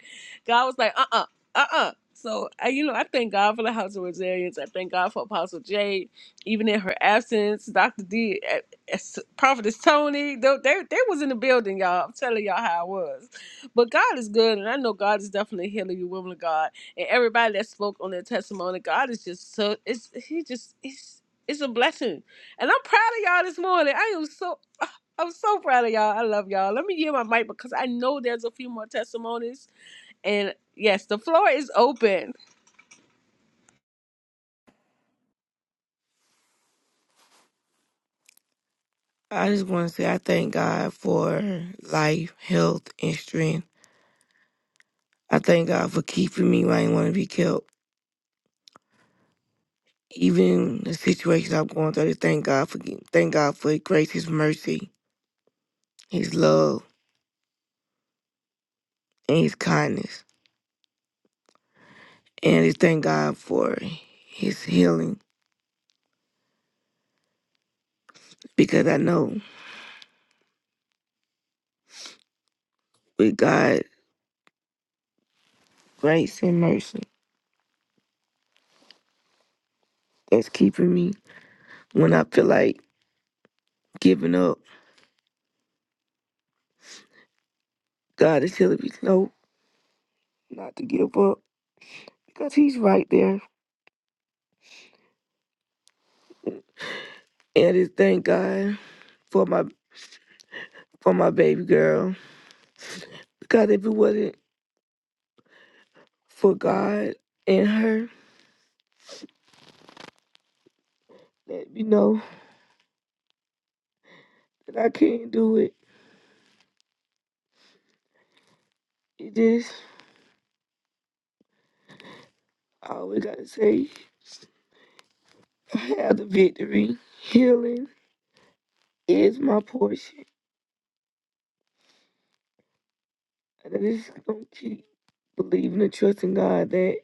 Speaker 1: God was like, uh, uh-uh, uh, uh uh So I, you know, I thank God for the House of Resilience. I thank God for Apostle Jade even in her absence, Dr. D, eh, eh, Prophetess Tony, they, they, they was in the building, y'all. I'm telling y'all how I was. But God is good, and I know God is definitely healing you, women of God. And everybody that spoke on their testimony, God is just so, it's, he just, it's, it's a blessing. And I'm proud of y'all this morning. I am so, I'm so proud of y'all. I love y'all. Let me give my mic because I know there's a few more testimonies. And yes, the floor is open.
Speaker 2: I just want to say I thank God for life, health, and strength. I thank God for keeping me when I didn't want to be kept. Even the situations I'm going through, I just thank God for thank God for His grace, His mercy, His love, and His kindness. And I thank God for his healing because I know with God's grace and mercy that's keeping me when I feel like giving up. God is telling me no, not to give up because he's right there. And I thank God for my for my baby girl because if it wasn't for God and her, let me know that I can't do it. It just I always gotta say I have the victory. Healing is my portion. And I just gonna keep believing and trusting God that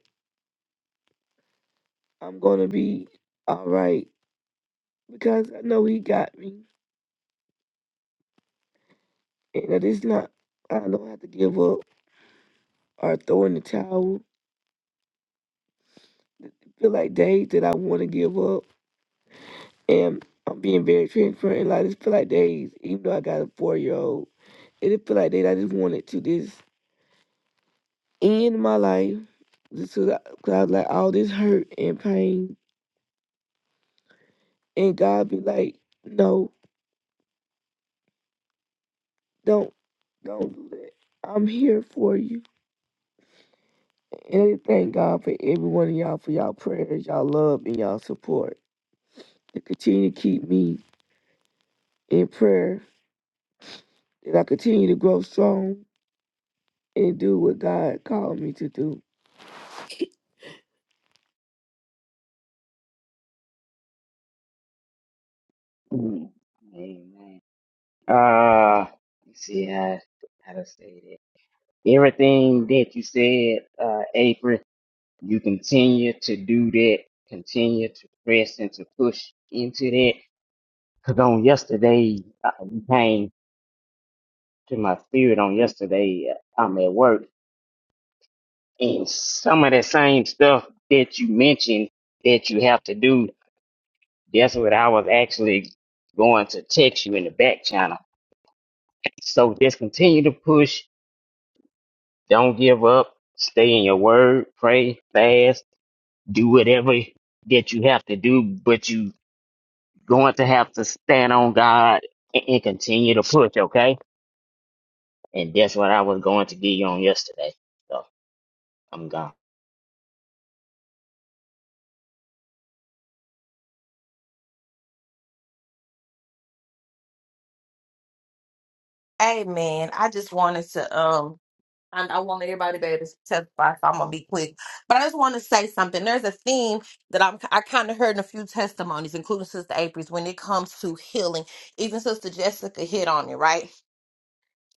Speaker 2: I'm gonna be all right because I know He got me, and that it's not. I don't have to give up or throw in the towel. I feel like days that I want to give up, and I'm being very transparent. And Like I just feel like days, even though I got a four year old, it just feel like days I just wanted to just end my life, just because I, 'cause I was like all this hurt and pain, and God be like, no. Don't don't do that. I'm here for you. And I thank God for every one of y'all for y'all prayers, y'all love, and y'all support. To continue to keep me in prayer, that I continue to grow strong and do what God called me to do.
Speaker 8: Mm. Amen. Uh, let's see how how to say that. Everything that you said, uh, April, you continue to do that. Continue to press and to push into that. Cause on yesterday, uh, you came to my spirit. On yesterday, uh, I'm at work, and some of that same stuff that you mentioned that you have to do. That's what I was actually going to text you in the back channel. So just continue to push. Don't give up. Stay in your word. Pray, fast, do whatever that you have to do, but you going to have to stand on God and, and continue to push, okay? And that's what I was going to give you on yesterday. So I'm gone.
Speaker 3: Amen. I just wanted to um I, I want everybody to be able to testify, so I'm gonna be quick. But I just want to say something. There's a theme that I'm I kind of heard in a few testimonies, including Sister April's, when it comes to healing. Even Sister Jessica hit on it, right?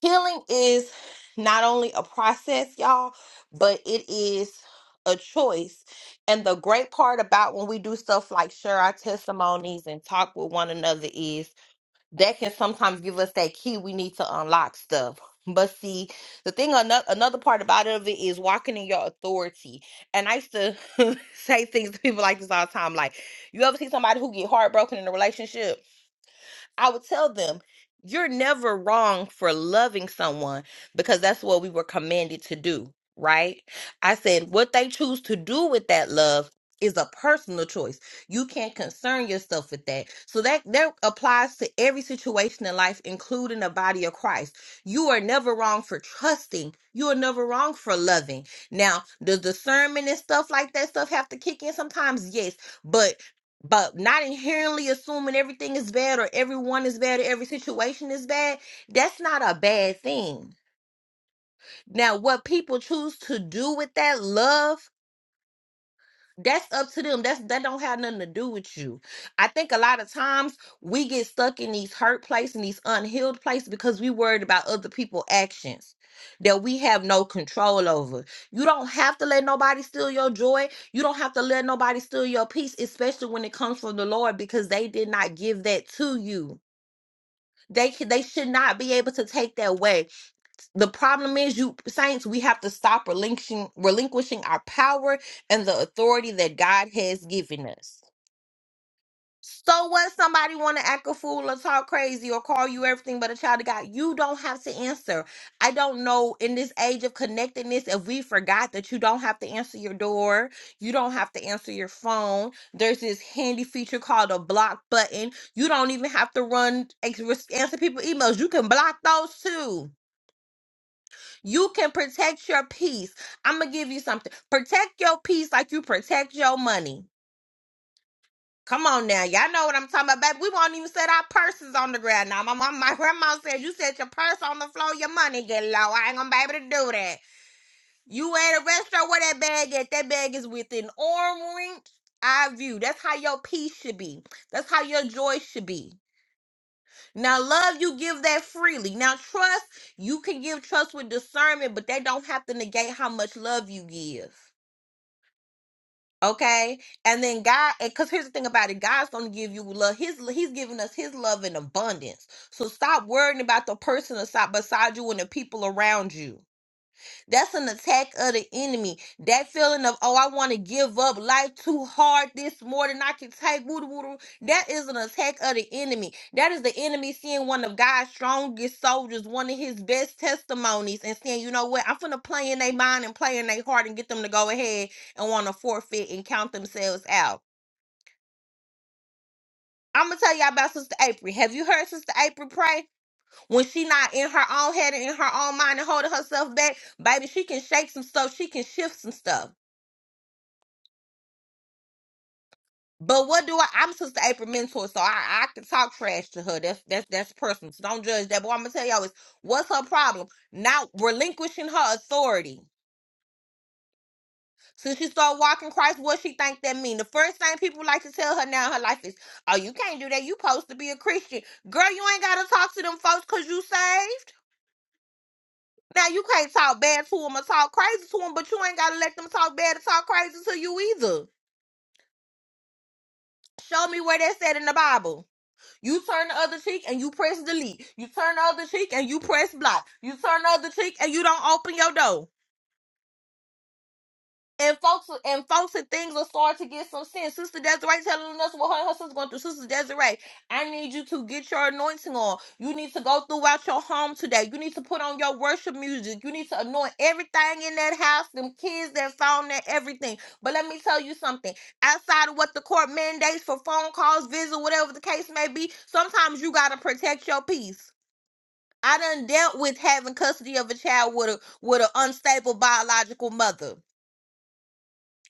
Speaker 3: Healing is not only a process, y'all, but it is a choice. And the great part about when we do stuff like share our testimonies and talk with one another is that can sometimes give us that key we need to unlock stuff. But see, the thing another another part about it is walking in your authority. And I used to say things to people like this all the time, like you ever see somebody who get heartbroken in a relationship? I would tell them, you're never wrong for loving someone because that's what we were commanded to do, right? I said, what they choose to do with that love is a personal choice. You can't concern yourself with that. So that that applies to every situation in life including the body of Christ. You are never wrong for trusting. You are never wrong for loving. Now, does discernment and stuff like that stuff have to kick in sometimes? Yes. But but not inherently assuming everything is bad or everyone is bad or every situation is bad, that's not a bad thing. Now, what people choose to do with that love that's up to them that's that don't have nothing to do with you i think a lot of times we get stuck in these hurt places and these unhealed places because we worried about other people actions that we have no control over you don't have to let nobody steal your joy you don't have to let nobody steal your peace especially when it comes from the lord because they did not give that to you they c- they should not be able to take that away the problem is you saints we have to stop relinquishing relinquishing our power and the authority that god has given us so what somebody want to act a fool or talk crazy or call you everything but a child of god you don't have to answer i don't know in this age of connectedness if we forgot that you don't have to answer your door you don't have to answer your phone there's this handy feature called a block button you don't even have to run ex- answer people emails you can block those too you can protect your peace. I'm gonna give you something. Protect your peace like you protect your money. Come on now, y'all know what I'm talking about. Baby, we won't even set our purses on the ground now. My mom, my grandma said you set your purse on the floor, your money get low. I ain't gonna be able to do that. You at a restaurant where that bag at? That bag is within arm reach. Eye view. That's how your peace should be. That's how your joy should be. Now, love, you give that freely. Now, trust, you can give trust with discernment, but that don't have to negate how much love you give. Okay, and then God, because here's the thing about it, God's gonna give you love. His He's giving us His love in abundance. So stop worrying about the person asi- beside you and the people around you. That's an attack of the enemy. That feeling of, oh, I want to give up life too hard, this more than I can take. Woo, woo, woo. That is an attack of the enemy. That is the enemy seeing one of God's strongest soldiers, one of his best testimonies, and saying, you know what, I'm finna play in their mind and play in their heart and get them to go ahead and want to forfeit and count themselves out. I'm gonna tell y'all about Sister April. Have you heard Sister April pray? When she not in her own head and in her own mind and holding herself back, baby, she can shake some stuff. She can shift some stuff. But what do I? I'm Sister April Mentor, so I, I can talk trash to her. That's that's that's personal. So don't judge that. But what I'm gonna tell y'all is, what's her problem? Not relinquishing her authority. Since she started walking Christ, what she think that mean? The first thing people like to tell her now in her life is, "Oh, you can't do that. You' supposed to be a Christian, girl. You ain't gotta talk to them folks cause you saved. Now you can't talk bad to them or talk crazy to them, but you ain't gotta let them talk bad or talk crazy to you either. Show me where that's said in the Bible. You turn the other cheek and you press delete. You turn the other cheek and you press block. You turn the other cheek and you don't open your door and folks and folks and things will start to get some sense. Sister Desiree telling us what her, and her sister's going through. Sister Desiree, I need you to get your anointing on. You need to go throughout your home today. You need to put on your worship music. You need to anoint everything in that house, them kids that found that everything. But let me tell you something. Outside of what the court mandates for phone calls, visit, whatever the case may be, sometimes you gotta protect your peace. I done dealt with having custody of a child with a with an unstable biological mother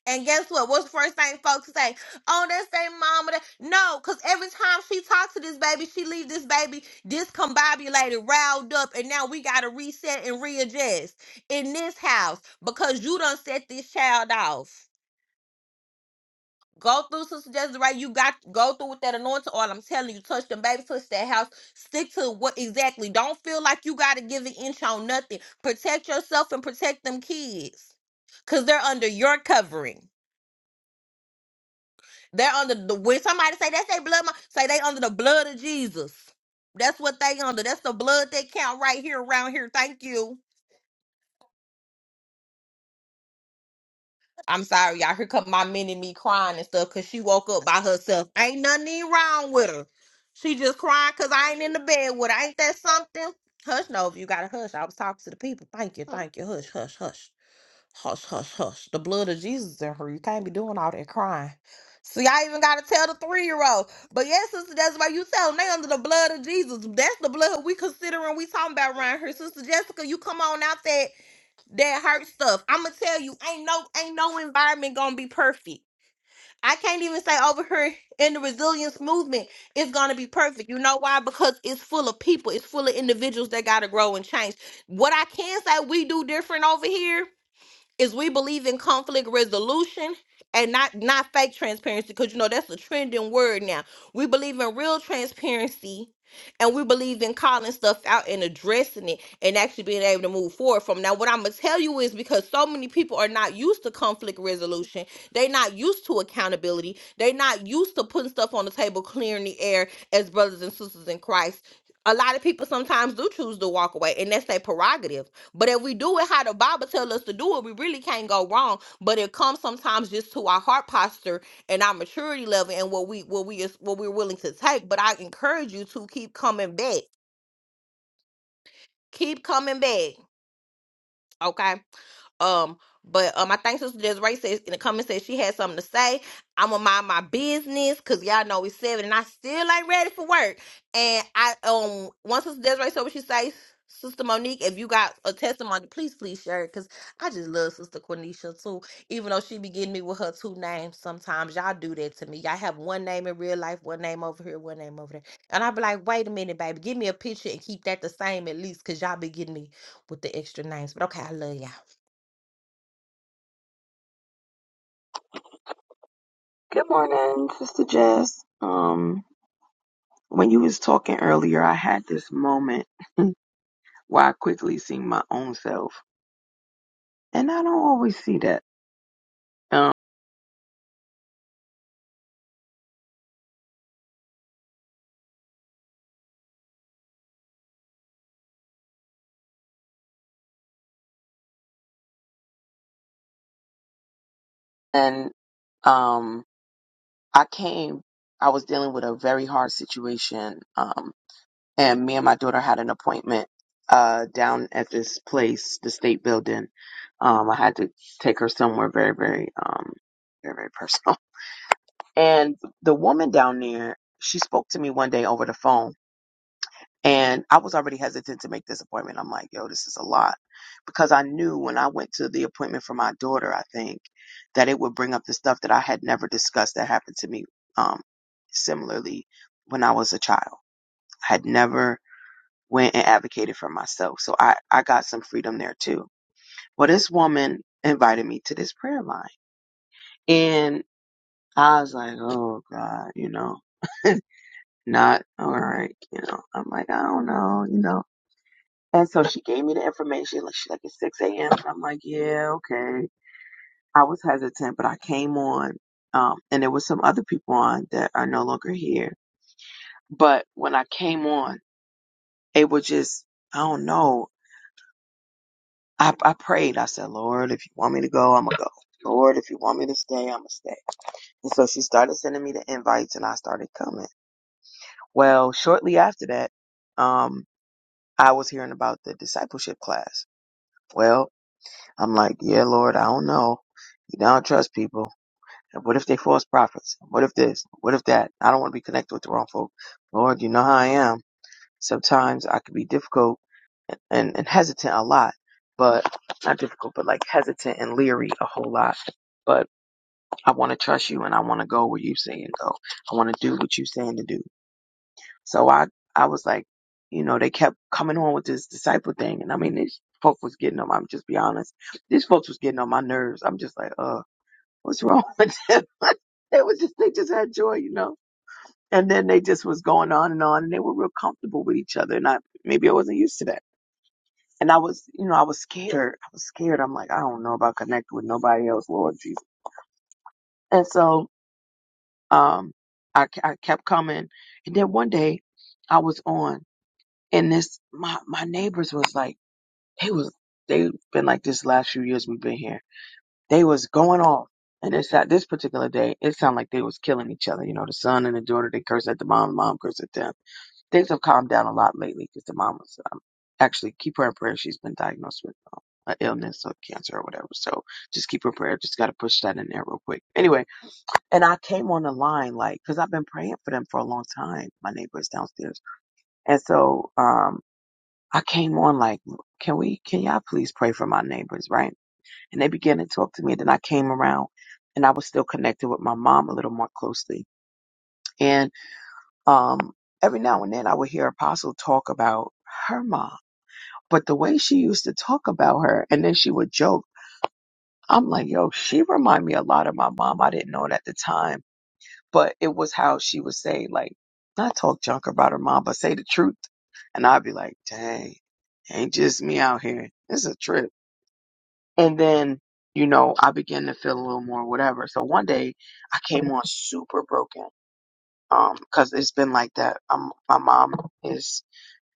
Speaker 3: and guess what? What's the first thing folks say? Oh, that's their mama. That... No, because every time she talks to this baby, she leaves this baby discombobulated, riled up, and now we got to reset and readjust in this house because you done set this child off. Go through Sister Desiree. You got go through with that anointing oil. I'm telling you, touch them baby, touch that house. Stick to what exactly. Don't feel like you got to give an inch on nothing. Protect yourself and protect them kids because they're under your covering. They're under the when somebody say that's their blood, mo- say they under the blood of Jesus. That's what they under. That's the blood they count right here around here. Thank you. I'm sorry, y'all. Here come my mini me crying and stuff because she woke up by herself. Ain't nothing wrong with her. She just crying because I ain't in the bed with her. Ain't that something? Hush, no, if you got to hush. I was talking to the people. Thank you, thank you. Hush, hush, hush. Hush, hush, hush. The blood of Jesus in her. You can't be doing all that crying. See, I even gotta tell the three year old. But yes, sister, that's why you tell them they under the blood of Jesus. That's the blood we considering we talking about around here. Sister Jessica, you come on out that that hurt stuff. I'ma tell you, ain't no ain't no environment gonna be perfect. I can't even say over here in the resilience movement it's gonna be perfect. You know why? Because it's full of people, it's full of individuals that gotta grow and change. What I can say we do different over here is we believe in conflict resolution and not not fake transparency because you know that's a trending word now we believe in real transparency and we believe in calling stuff out and addressing it and actually being able to move forward from now what i'm gonna tell you is because so many people are not used to conflict resolution they're not used to accountability they're not used to putting stuff on the table clearing the air as brothers and sisters in christ a lot of people sometimes do choose to walk away and that's their prerogative but if we do it how the Bible tells us to do it, we really can't go wrong. But it comes sometimes just to our heart posture and our maturity level and what we what we is what we're willing to take. But I encourage you to keep coming back. Keep coming back. Okay. Um, but um, I think Sister Desiree says in the comments said she had something to say. I'm gonna mind my business because y'all know it's seven and I still ain't ready for work. And I um, once Sister Desiree said what she say, Sister Monique, if you got a testimony, please please share it because I just love Sister Cornisha too. Even though she be getting me with her two names sometimes, y'all do that to me. Y'all have one name in real life, one name over here, one name over there, and I be like, wait a minute, baby, give me a picture and keep that the same at least because y'all be getting me with the extra names. But okay, I love y'all.
Speaker 7: Good morning, Sister Jess. Um, when you was talking earlier, I had this moment why I quickly see my own self. And I don't always see that. Um, and um, I came, I was dealing with a very hard situation. Um, and me and my daughter had an appointment uh, down at this place, the state building. Um, I had to take her somewhere very, very, um, very, very personal. And the woman down there, she spoke to me one day over the phone And I was already hesitant to make this appointment. I'm like, yo, this is a lot. Because I knew when I went to the appointment for my daughter, I think, that it would bring up the stuff that I had never discussed that happened to me um, similarly when I was a child. I had never went and advocated for myself. So I, I got some freedom there too. Well, this woman invited me to this prayer line. And I was like, oh God, you know, not all right. You know, I'm like, I don't know, you know And so she gave me the information. Like she's like it's six a.m. and I'm like, yeah, okay. I was hesitant, but I came on, um, and there was some other people on that are no longer here. But when I came on, it was just I don't know. I I prayed. I said, Lord, if you want me to go, I'm gonna go. Lord, if you want me to stay, I'm gonna stay. And so she started sending me the invites, and I started coming. Well, shortly after that, um, I was hearing about the discipleship class. Well. I'm like, yeah, Lord, I don't know. You know, I don't trust people. And what if they false prophets? What if this? What if that? I don't want to be connected with the wrong folk. Lord, you know how I am. Sometimes I can be difficult and, and and hesitant a lot, but not difficult, but like hesitant and leery a whole lot. But I want to trust you and I want to go where you're saying go. I want to do what you're saying to do. So I, I was like, you know, they kept coming on with this disciple thing. And I mean, this folk was getting on I'm just be honest. These folks was getting on my nerves. I'm just like, uh, what's wrong with them? they was just, they just had joy, you know? And then they just was going on and on and they were real comfortable with each other. And I, maybe I wasn't used to that. And I was, you know, I was scared. I was scared. I'm like, I don't know about connecting with nobody else, Lord Jesus. And so, um, I, I kept coming. And then one day I was on. And this, my, my neighbors was like, they was, they been like this last few years we've been here. They was going off. And it's at this particular day, it sounded like they was killing each other. You know, the son and the daughter, they curse at the mom, the mom curse at them. Things have calmed down a lot lately because the mom was, um, actually keep her in prayer. She's been diagnosed with um, an illness or cancer or whatever. So just keep her in prayer. Just got to push that in there real quick. Anyway, and I came on the line like, cause I've been praying for them for a long time. My neighbors downstairs. And so, um. I came on like, can we, can y'all please pray for my neighbors, right? And they began to talk to me. Then I came around and I was still connected with my mom a little more closely. And, um, every now and then I would hear Apostle talk about her mom, but the way she used to talk about her and then she would joke. I'm like, yo, she remind me a lot of my mom. I didn't know it at the time, but it was how she would say like, not talk junk about her mom, but say the truth. And I'd be like, dang, ain't just me out here. It's a trip. And then, you know, I began to feel a little more whatever. So one day I came on super broken. Um, cause it's been like that. Um, my mom is,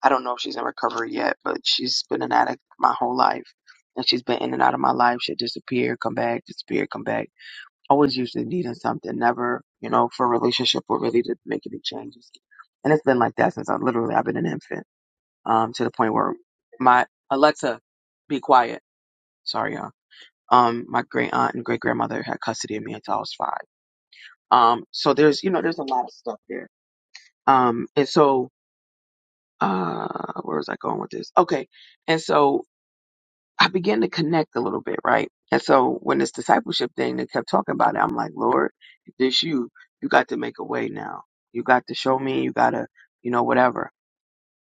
Speaker 7: I don't know if she's in recovery yet, but she's been an addict my whole life. And she's been in and out of my life. She'd disappear, come back, disappear, come back. Always usually needing something, never, you know, for a relationship or really to make any changes. And it's been like that since I literally, I've been an infant, um, to the point where my Alexa, be quiet. Sorry, y'all um, my great aunt and great grandmother had custody of me until I was five. Um, so there's, you know, there's a lot of stuff there. Um, and so, uh, where was I going with this? Okay. And so I began to connect a little bit, right? And so when this discipleship thing, they kept talking about it. I'm like, Lord, if this you, you got to make a way now. You got to show me, you got to, you know, whatever.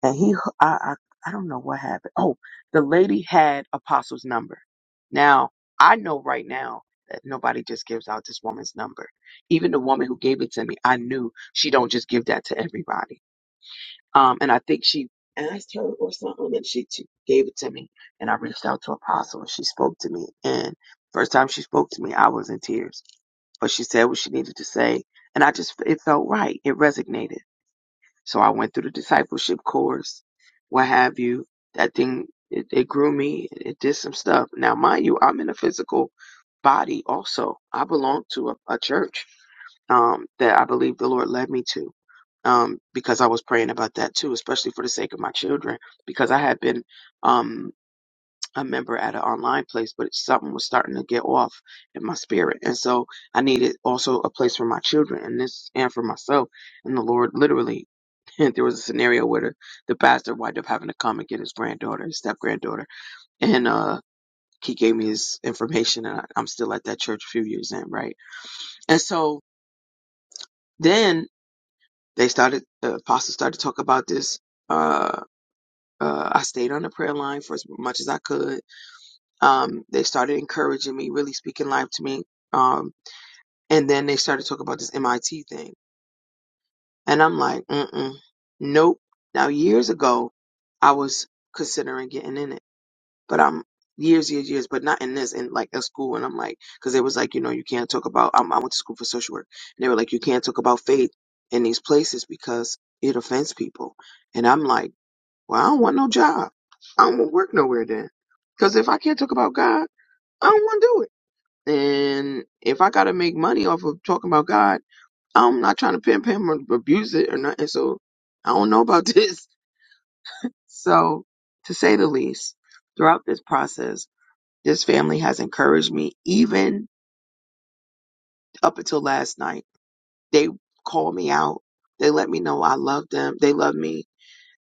Speaker 7: and he I, I I don't know what happened. Oh, the lady had Apostle's number. Now I know right now that nobody just gives out this woman's number. Even the woman who gave it to me, I knew she don't just give that to everybody. Um, and I think she asked her or something, and she, she gave it to me. And I reached out to Apostle, and she spoke to me. And first time she spoke to me, I was in tears, but she said what she needed to say, and I just it felt right. It resonated. So I went through the discipleship course, what have you. That thing, it, it grew me. It did some stuff. Now, mind you, I'm in a physical body also. I belong to a, a church um, that I believe the Lord led me to um, because I was praying about that too, especially for the sake of my children, because I had been um, a member at an online place, but something was starting to get off in my spirit. And so I needed also a place for my children and this and for myself. And the Lord literally there was a scenario where the, the pastor wound up having to come and get his granddaughter, his step granddaughter. And uh he gave me his information and I, I'm still at that church a few years in, right? And so then they started the apostle started to talk about this uh uh, I stayed on the prayer line for as much as I could um, they started encouraging me, really speaking life to me. Um, and then they started talking about this MIT thing. And I'm like, mm-mm, nope. Now, years ago, I was considering getting in it, but I'm years, years, years, but not in this, in like a school. And I'm like, cause it was like, you know, you can't talk about, I'm, I went to school for social work and they were like, you can't talk about faith in these places because it offends people. And I'm like, well, I don't want no job. I don't want to work nowhere then. Cause if I can't talk about God, I don't want to do it. And if I gotta make money off of talking about God, I'm not trying to pimp him or abuse it or nothing. So I don't know about this. So to say the least, throughout this process, this family has encouraged me, even up until last night. They called me out. They let me know I love them. They love me.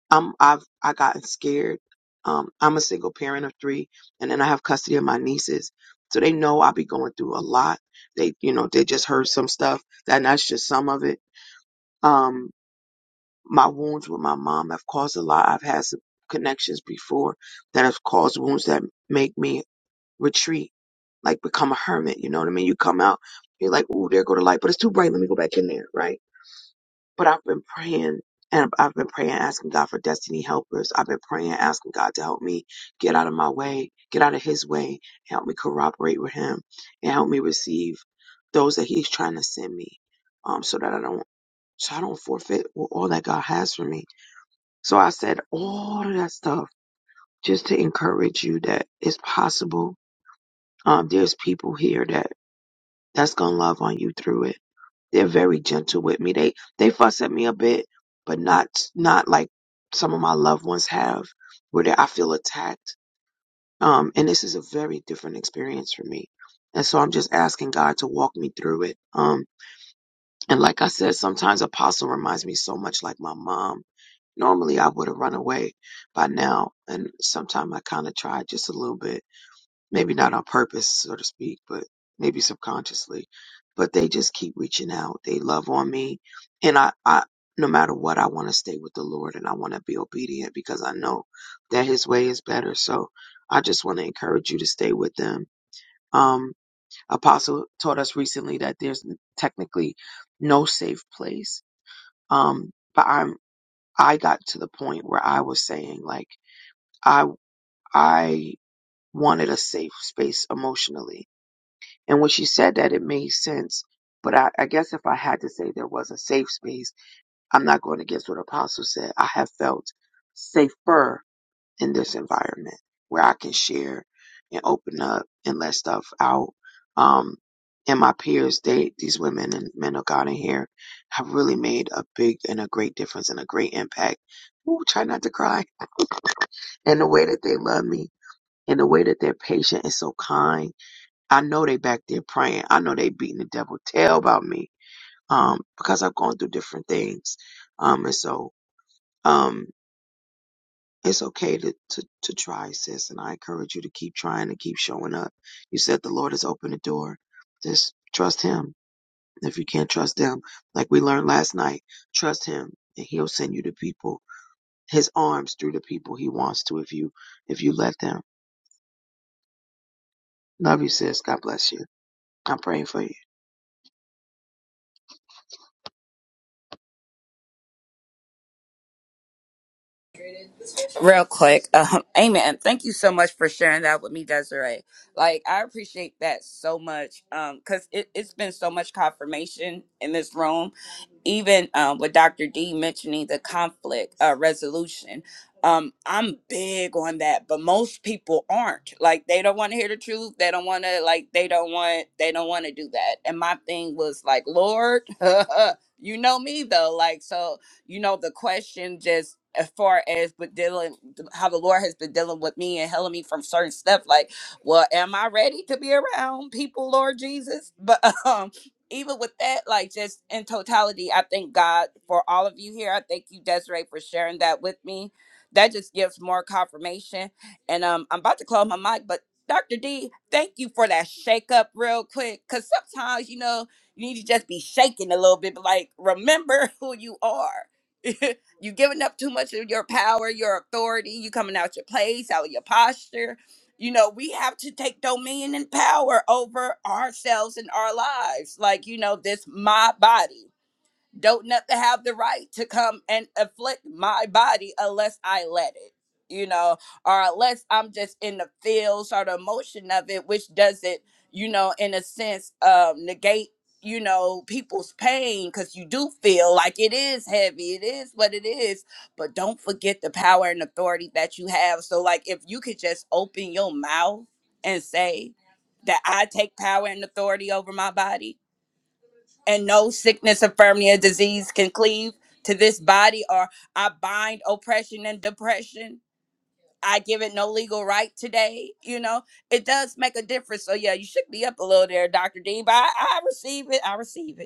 Speaker 7: I'm I've I gotten scared. Um, I'm a single parent of three, and then I have custody of my nieces, so they know I be going through a lot. They, you know, they just heard some stuff, and that's just some of it. Um, my wounds with my mom have caused a lot. I've had some connections before that have caused wounds that make me retreat, like become a hermit. You know what I mean? You come out, you're like, ooh, there go the light, but it's too bright. Let me go back in there, right? But I've been praying and I've been praying, asking God for destiny helpers. I've been praying, asking God to help me get out of my way, get out of his way, help me corroborate with him and help me receive those that he's trying to send me. Um, so that I don't, so I don't forfeit all that God has for me. So I said all of that stuff just to encourage you that it's possible. Um, there's people here that that's going to love on you through it they're very gentle with me. They they fuss at me a bit, but not not like some of my loved ones have, where they, I feel attacked. Um, and this is a very different experience for me. And so I'm just asking God to walk me through it. Um, and like I said, sometimes Apostle reminds me so much like my mom. Normally I would have run away by now, and sometimes I kind of tried just a little bit maybe not on purpose, so to speak, but maybe subconsciously. But they just keep reaching out. They love on me, and I, I no matter what, I want to stay with the Lord and I want to be obedient because I know that His way is better. So I just want to encourage you to stay with them. Um, Apostle taught us recently that there's technically no safe place. Um, but I'm I got to the point where I was saying like I I wanted a safe space emotionally And when she said that, it made sense. But I, I guess if I had to say there was a safe space, I'm not going against what Apostle said. I have felt safer in this environment where I can share and open up and let stuff out. Um, and my peers, they, these women and men of God in here have really made a big and a great difference and a great impact. Ooh, try not to cry. And the way that they love me and the way that they're patient and so kind I know they back there praying. I know they beating the devil tail about me. Um, because I've gone through different things. Um, and so, um, it's okay to, to, to try, sis. And I encourage you to keep trying and keep showing up. You said the Lord has opened the door. Just trust him. If you can't trust them, like we learned last night, trust him and he'll send you the people, his arms through the people he wants to if you, if you let them. Love you, sis. God bless you. I'm praying for you.
Speaker 9: real quick. Um, amen. Thank you so much for sharing that with me, Desiree. Like, I appreciate that so much because it, it's been so much confirmation in this room, even um, with Dr. D mentioning the conflict uh, resolution. Um, I'm big on that, but most people aren't. Like, they don't want to hear the truth. They don't want to, like, they don't want, they don't want to do that. And my thing was like, Lord, you know me though. Like, so you know, the question just as far as but dealing how the Lord has been dealing with me and healing me from certain stuff, like, well, am I ready to be around people, Lord Jesus? But um even with that, like just in totality, I thank God for all of you here. I thank you, Desiree, for sharing that with me. That just gives more confirmation. And um, I'm about to close my mic, but Dr. D, thank you for that shake up real quick. Cause sometimes, you know, you need to just be shaking a little bit, but like remember who you are. you giving up too much of your power, your authority. You coming out your place, out of your posture. You know, we have to take dominion and power over ourselves and our lives. Like, you know, this my body don't nothing have the right to come and afflict my body unless I let it, you know, or unless I'm just in the feels or the emotion of it, which doesn't, you know, in a sense, um, negate, you know, people's pain because you do feel like it is heavy, it is what it is, but don't forget the power and authority that you have. So, like, if you could just open your mouth and say that I take power and authority over my body and no sickness, infirmity, or disease can cleave to this body, or I bind oppression and depression. I give it no legal right today. You know, it does make a difference. So, yeah, you shook me up a little there, Dr. Dean, but I, I receive it. I receive it.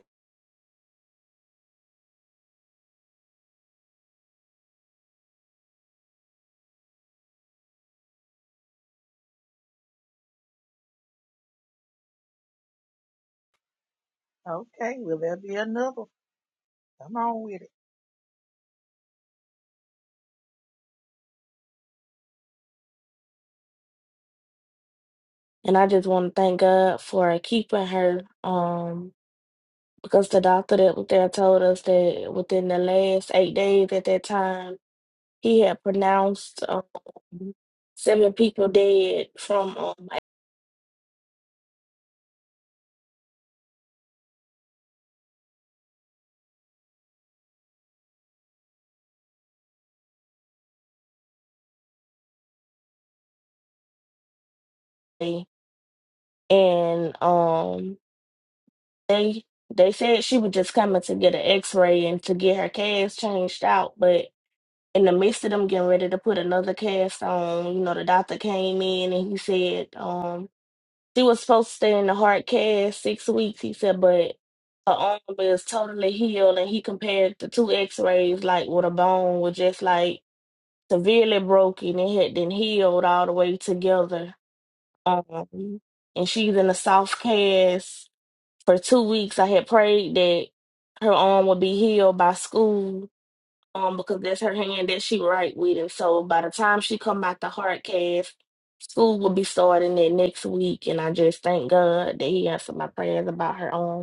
Speaker 4: Okay, will there be another? Come on with it.
Speaker 10: And I just want to thank God for keeping her. Um, because the doctor that was there told us that within the last eight days at that time, he had pronounced um, seven people dead from um, HIV. and um, they they said she was just coming to get an X-ray and to get her cast changed out, but in the midst of them getting ready to put another cast on, you know, the doctor came in and he said, um, She was supposed to stay in the hard cast six weeks, he said, but her arm is totally healed. And he compared the two x rays, like with a bone was just like severely broken and had been healed all the way together. Um, and she's in a soft cast for two weeks. I had prayed that her arm would be healed by school um because that's her hand that she write with and so by the time she come out the hard cast school will be starting that next week and i just thank god that he answered my prayers about her arm.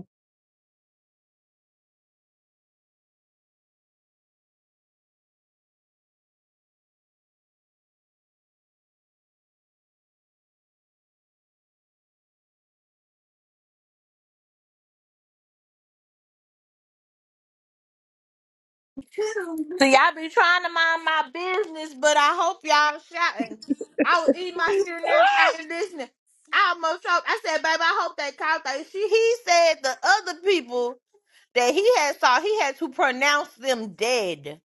Speaker 3: See, I be trying to mind my business, but I hope y'all shouting. I was eating my cereal and everything and listening. I almost choked. I said, baby, I hope that cow thing. She he said the other people that he had saw, he had to pronounce them dead.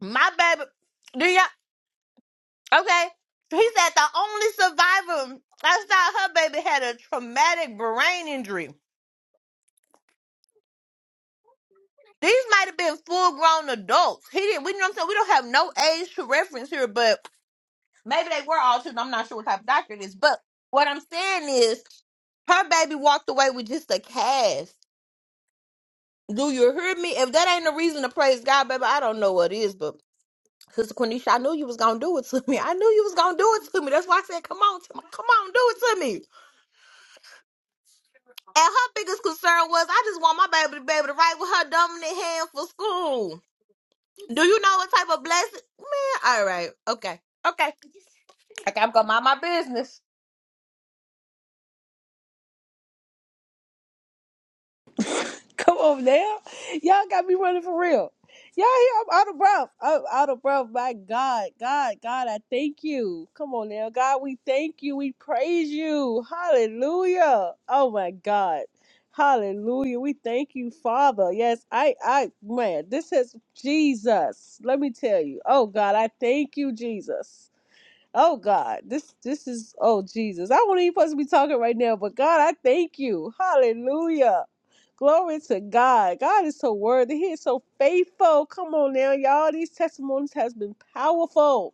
Speaker 3: My baby do y'all okay. He said the only survivor outside her baby had a traumatic brain injury. These might have been full grown adults. He didn't we you know what I'm saying? We don't have no age to reference here, but Maybe they were all children. I'm not sure what type of doctor it is. But what I'm saying is her baby walked away with just a cast. Do you hear me? If that ain't a reason to praise God, baby, I don't know what is. But Sister Quenisha, I knew you was gonna do it to me. I knew you was gonna do it to me. That's why I said, "Come on, Tim- come on, do it to me." And her biggest concern was, I just want my baby to be able to write with her dominant hand for school. Do you know what type of blessing, man? All right, okay, okay, okay. I'm gonna mind my business.
Speaker 1: Come on now. Y'all got me running for real. Y'all here, I'm out of breath. I'm out of breath. My God, God, God, I thank you. Come on now. God, we thank you. We praise you. Hallelujah. Oh my God. Hallelujah. We thank you, Father. Yes, I, I, man, this is Jesus. Let me tell you. Oh God, I thank you, Jesus. Oh God, this this is oh Jesus. I won't even supposed to be talking right now, but God, I thank you. Hallelujah. Glory to God. God is so worthy. He is so faithful. Come on now, y'all. These testimonies has been powerful.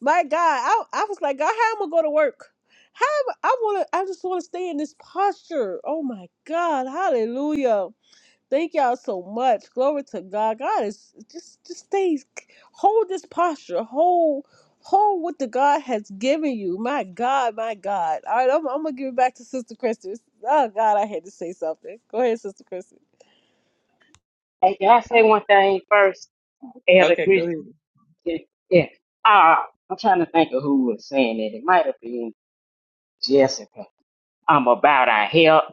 Speaker 1: My God, I, I was like, God, how am I going to work? How am I I want to? I just want to stay in this posture. Oh my God, Hallelujah. Thank y'all so much. Glory to God. God is just just stay hold this posture. Hold hold what the God has given you. My God, my God. All right, I'm, I'm gonna give it back to Sister Kristen. Oh God, I had to say something. Go ahead, Sister Kristen.
Speaker 8: Hey, can I say
Speaker 4: Oh,
Speaker 8: one thing first? Elder
Speaker 4: Okay, go
Speaker 8: Christian.
Speaker 4: ahead.
Speaker 8: Yeah. Uh, I'm trying to think of who was saying it. It might have been Jessica I'm about our help.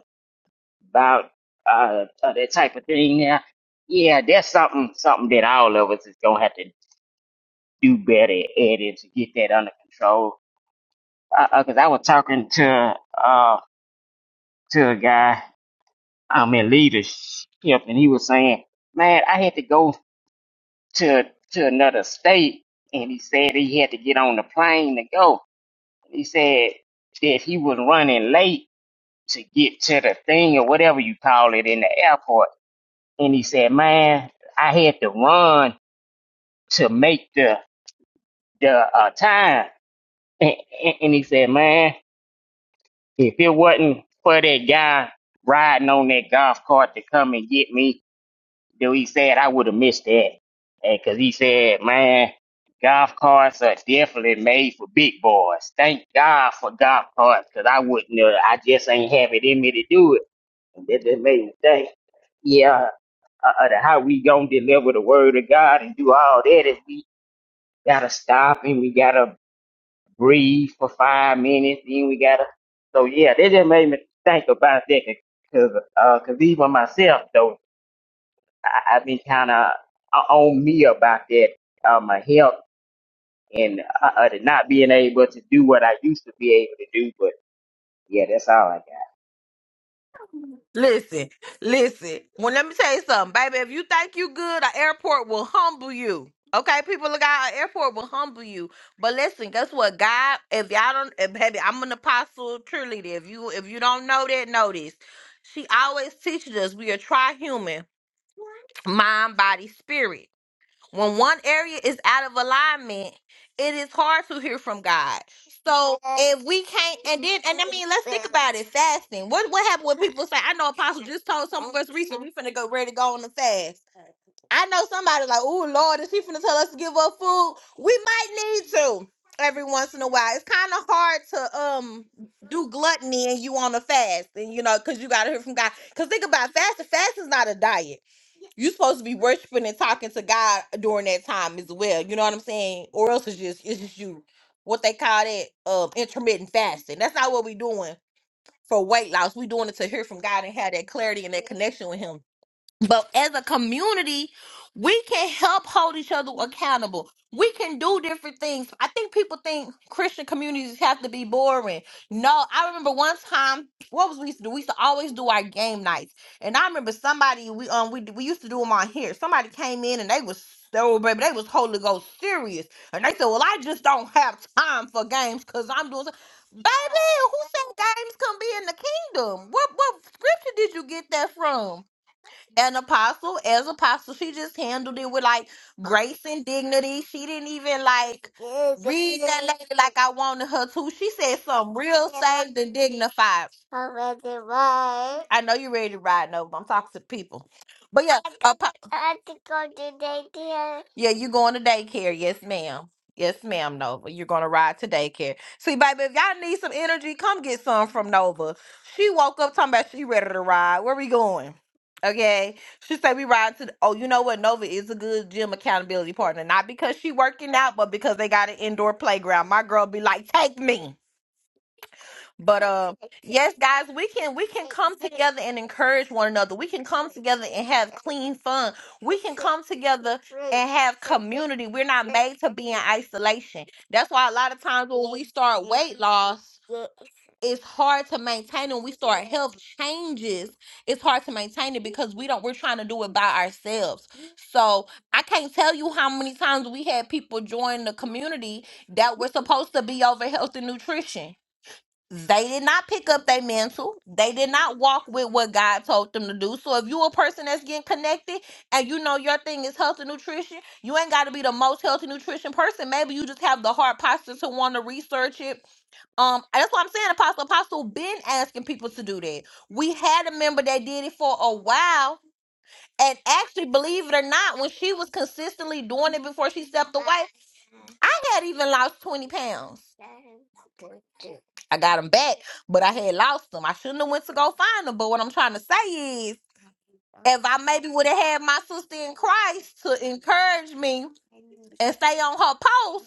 Speaker 8: about uh, uh that type of thing. Yeah, yeah, that's something something that all of us is gonna have to do better at it to get that under control. Because uh, uh 'cause I was talking to uh to a guy um in leadership, and he was saying, "Man, I had to go to to another state," and he said he had to get on the plane to go. He said that he was running late to get to the thing or whatever you call it in the airport and he said, "Man, I had to run to make the the uh, time." And, and and he said, "Man, if it wasn't for that guy riding on that golf cart to come and get me, though he said I would have missed that." And because he said, "Man, golf carts are definitely made for big boys. Thank God for golf carts, because I wouldn't. Uh, I just ain't have it in me to do it." And that, that made me think. Yeah, uh, uh, how we gonna deliver the word of God and do all that is we gotta stop and we gotta breathe for five minutes Then we gotta. So yeah, that just made me think about that because uh, cause even myself though I, I've been kind of on me about that uh, my health and uh, uh, not being able to do what I used to be able to do. But yeah, that's all I got.
Speaker 3: Listen, listen. Well, let me tell you something, baby. If you think you good, an airport will humble you. Okay, people of God, an airport will humble you. But listen, guess what? God, if y'all don't, if, baby, I'm an apostle cheerleader. If you if you don't know that, know this. She always teaches us we are tri-human, mind, body, spirit. when one area is out of alignment, it is hard to hear from God. So if we can't, and then, and I mean, let's think about it. Fasting. What what happened when people say, "I know Apostle just told some of us recently we finna go ready to go on the fast." I know somebody like, "Oh Lord, is he finna tell us to give up food?" We might need to every once in a while. It's kind of hard to um do gluttony and you on a fast, and you know, cause you gotta hear from God. Cause think about it, fasting. Fasting is not a diet you supposed to be worshiping and talking to God during that time as well. You know what I'm saying? Or else it's just it's just you what they call that um intermittent fasting. That's not what we doing for weight loss. We doing it to hear from God and have that clarity and that connection with Him but as a community, we can help hold each other accountable. We can do different things. I think people think Christian communities have to be boring. No, I remember one time, what was we used to do? We used to always do our game nights. And I remember somebody we um we we used to do them on here. Somebody came in and they was so baby, they was Holy Ghost serious. And they said, Well, I just don't have time for games because I'm doing so-" Baby, who said games can be in the kingdom? What what scripture did you get that from? an apostle as apostle. She just handled it with like grace and dignity. She didn't even like read that lady like I wanted her to. She said something real saved and dignified. I know you're ready to ride, Nova. I'm talking to the people. But yeah, Yeah, you going to daycare. Yes, ma'am. Yes, ma'am, Nova. You're going to ride to daycare. See, baby, if y'all need some energy, come get some from Nova. She woke up talking about she ready to ride. Where we going? Okay. She said we ride to, the, oh, you know what? Nova is a good gym accountability partner. Not because she working out, but because they got an indoor playground. My girl be like, take me. But uh, yes, guys, we can we can come together and encourage one another. We can come together and have clean fun. We can come together and have community. We're not made to be in isolation. That's why a lot of times when we start weight loss, it's hard to maintain. When we start health changes, it's hard to maintain it because we don't. We're trying to do it by ourselves. So I can't tell you how many times we had people join the community that were supposed to be over health and nutrition they did not pick up their mantle. They did not walk with what God told them to do. So if you a person that's getting connected and you know your thing is health and nutrition, you ain't got to be the most health and nutrition person. Maybe you just have the hard posture to want to research it. Um, and that's what I'm saying. Apostle Apostle been asking people to do that. We had a member that did it for a while, and actually, believe it or not, when she was consistently doing it before she stepped away, I had even lost 20 pounds. I got them back, but I had lost them. I shouldn't have went to go find them. But what I'm trying to say is, if I maybe would have had my sister in Christ to encourage me and stay on her post,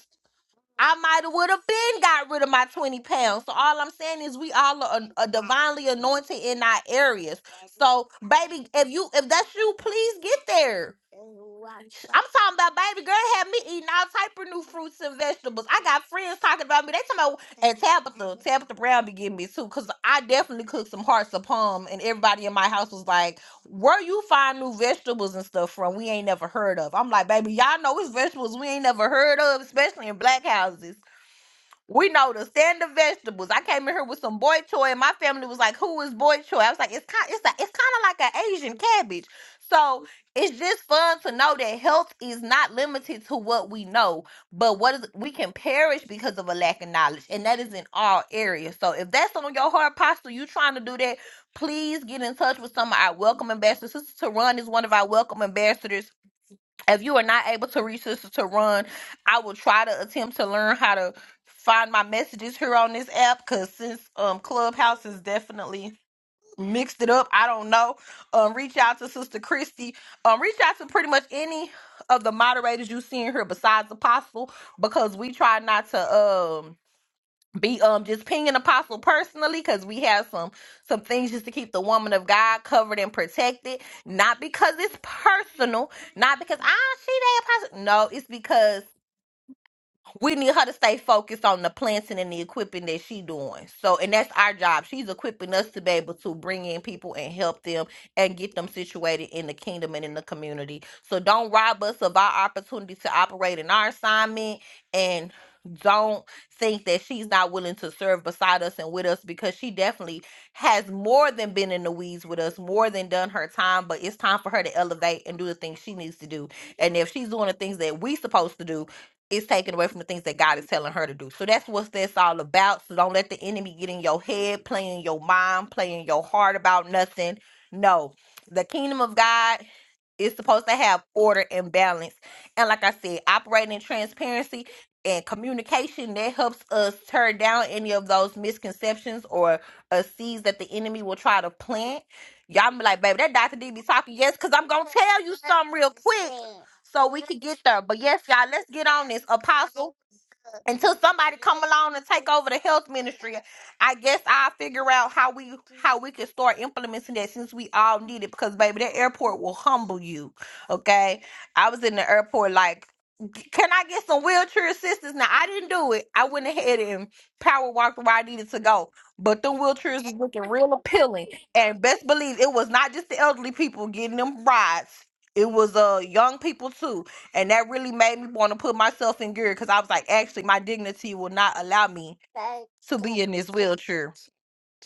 Speaker 3: I might have would have been got rid of my 20 pounds. So all I'm saying is we all are, are divinely anointed in our areas. So baby, if you if that's you, please get there. I'm talking about baby girl had me eating all type of new fruits and vegetables. I got friends talking about me. They talking about and Tabitha, Tabitha Brown be getting me too, cause I definitely cooked some hearts of palm, and everybody in my house was like. Where you find new vegetables and stuff from we ain't never heard of? I'm like, baby, y'all know it's vegetables we ain't never heard of, especially in black houses. We know the standard vegetables. I came in here with some boy choy, and my family was like, "Who is boy choy?" I was like, "It's kind, it's a, it's kind of like an Asian cabbage." So it's just fun to know that health is not limited to what we know, but what is we can perish because of a lack of knowledge, and that is in all areas. So if that's on your heart, Pastor, you trying to do that, please get in touch with some of our welcome ambassadors. Sister Run is one of our welcome ambassadors if you are not able to reach Sister to Run, I will try to attempt to learn how to find my messages here on this app because since um Clubhouse is definitely mixed it up, I don't know. Um reach out to Sister Christy. Um reach out to pretty much any of the moderators you see in here besides Apostle because we try not to um, be um just pinging apostle personally because we have some some things just to keep the woman of god covered and protected not because it's personal not because ah she that apostle no it's because we need her to stay focused on the planting and the equipping that she doing. So, and that's our job. She's equipping us to be able to bring in people and help them and get them situated in the kingdom and in the community. So, don't rob us of our opportunity to operate in our assignment and don't think that she's not willing to serve beside us and with us because she definitely has more than been in the weeds with us, more than done her time, but it's time for her to elevate and do the things she needs to do. And if she's doing the things that we supposed to do, is taken away from the things that God is telling her to do. So that's what that's all about. So don't let the enemy get in your head, play in your mind, play in your heart about nothing. No, the kingdom of God is supposed to have order and balance. And like I said, operating in transparency and communication that helps us turn down any of those misconceptions or uh, seeds that the enemy will try to plant. Y'all be like, baby, that Dr. D be talking. Yes, because I'm going to tell you something real quick so we could get there. But yes, y'all, let's get on this apostle until somebody come along and take over the health ministry. I guess I'll figure out how we how we can start implementing that since we all need it. Because baby, that airport will humble you. Okay, I was in the airport like. Can I get some wheelchair assistance? Now I didn't do it. I went ahead and power walked where I needed to go. But the wheelchairs was looking real appealing. And best believe it was not just the elderly people getting them rides. It was uh young people too and that really made me want to put myself in gear because I was like, actually, my dignity will not allow me to be in this wheelchair.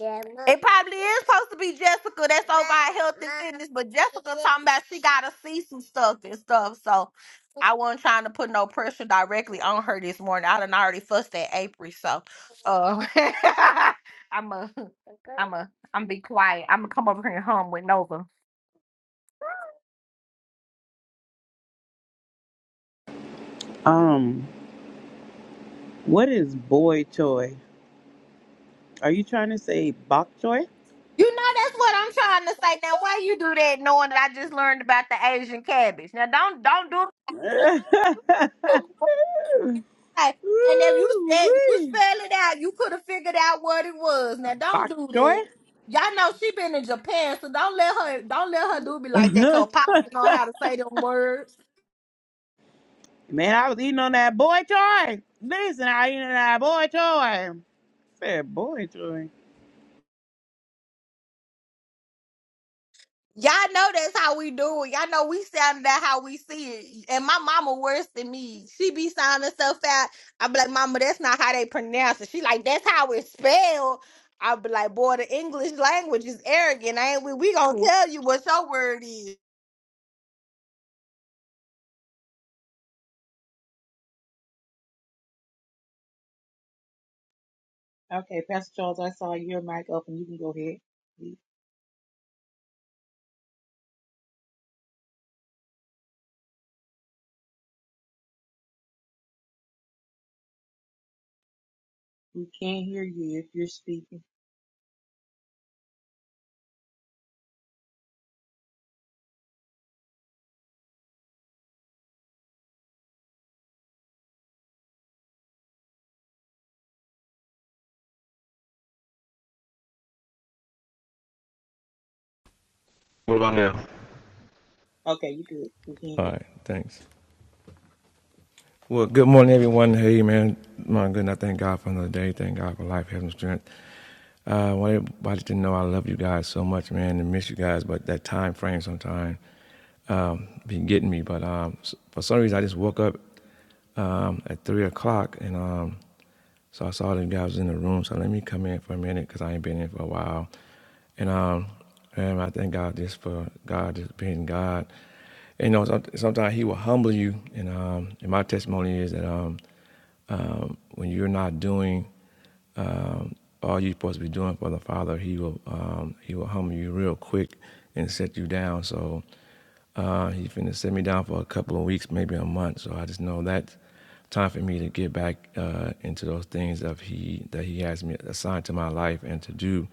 Speaker 3: It probably is supposed to be Jessica that's over at Health and Fitness, but Jessica talking about she gotta see some stuff and stuff. So I wasn't trying to put no pressure directly on her this morning. I done already fussed at April, so uh, I'm a, I'm a, I'm be quiet. I'm gonna come over here and hum with Nova.
Speaker 11: Um, what is boy choy? Are you trying to say bok choy?
Speaker 3: You know that's what I'm trying to say. Now why you do that knowing that I just learned about the Asian cabbage? Now don't don't do Okay. and if you said you
Speaker 11: Woo-wee.
Speaker 3: spell it out, you could have figured out what it was. Now don't
Speaker 11: bok
Speaker 3: do that.
Speaker 11: choy?
Speaker 3: Y'all know she been in Japan, so don't let her don't let her do me like that. Cause
Speaker 11: Man,
Speaker 3: Pops know how to say them words.
Speaker 11: I was eating on that boy choy. Listen, I eating on that boy choy. Said boy choy.
Speaker 3: Y'all know that's how we do it. Y'all know we sound that how we see it. And my mama worse than me. She be sounding so fat. I be like, Mama, that's not how they pronounce it. She like, that's how it's spelled. I be like, boy, the English language is arrogant. ain't we? We gonna tell you what your word is.
Speaker 4: Okay, Pastor Charles, I saw your mic open. You can go ahead. We, we can't hear you if you're speaking.
Speaker 12: What about now?
Speaker 4: Okay, you good. We can
Speaker 12: All
Speaker 4: hear
Speaker 12: right, thanks. Well, good morning, everyone. Hey, man, my goodness, I thank God for another day. Thank God for life, health, and strength. Uh, I want everybody to know I love you guys so much, man, and miss you guys. But that time frame sometimes um, be getting me. But um, for some reason, I just woke up um, at three o'clock, and um, so I saw them guys in the room. So let me come in for a minute because I ain't been in for a while, and um, and I thank God just for God just being God. And, you know, some- sometimes He will humble you, and um, and my testimony is that um, um, when you're not doing um, all you're supposed to be doing for the Father, He will um, He will humble you real quick and set you down. So. Uh, he's finna sit me down for a couple of weeks, maybe a month. So I just know that's time for me to get back uh, into those things of he that he has me assigned to my life and to do.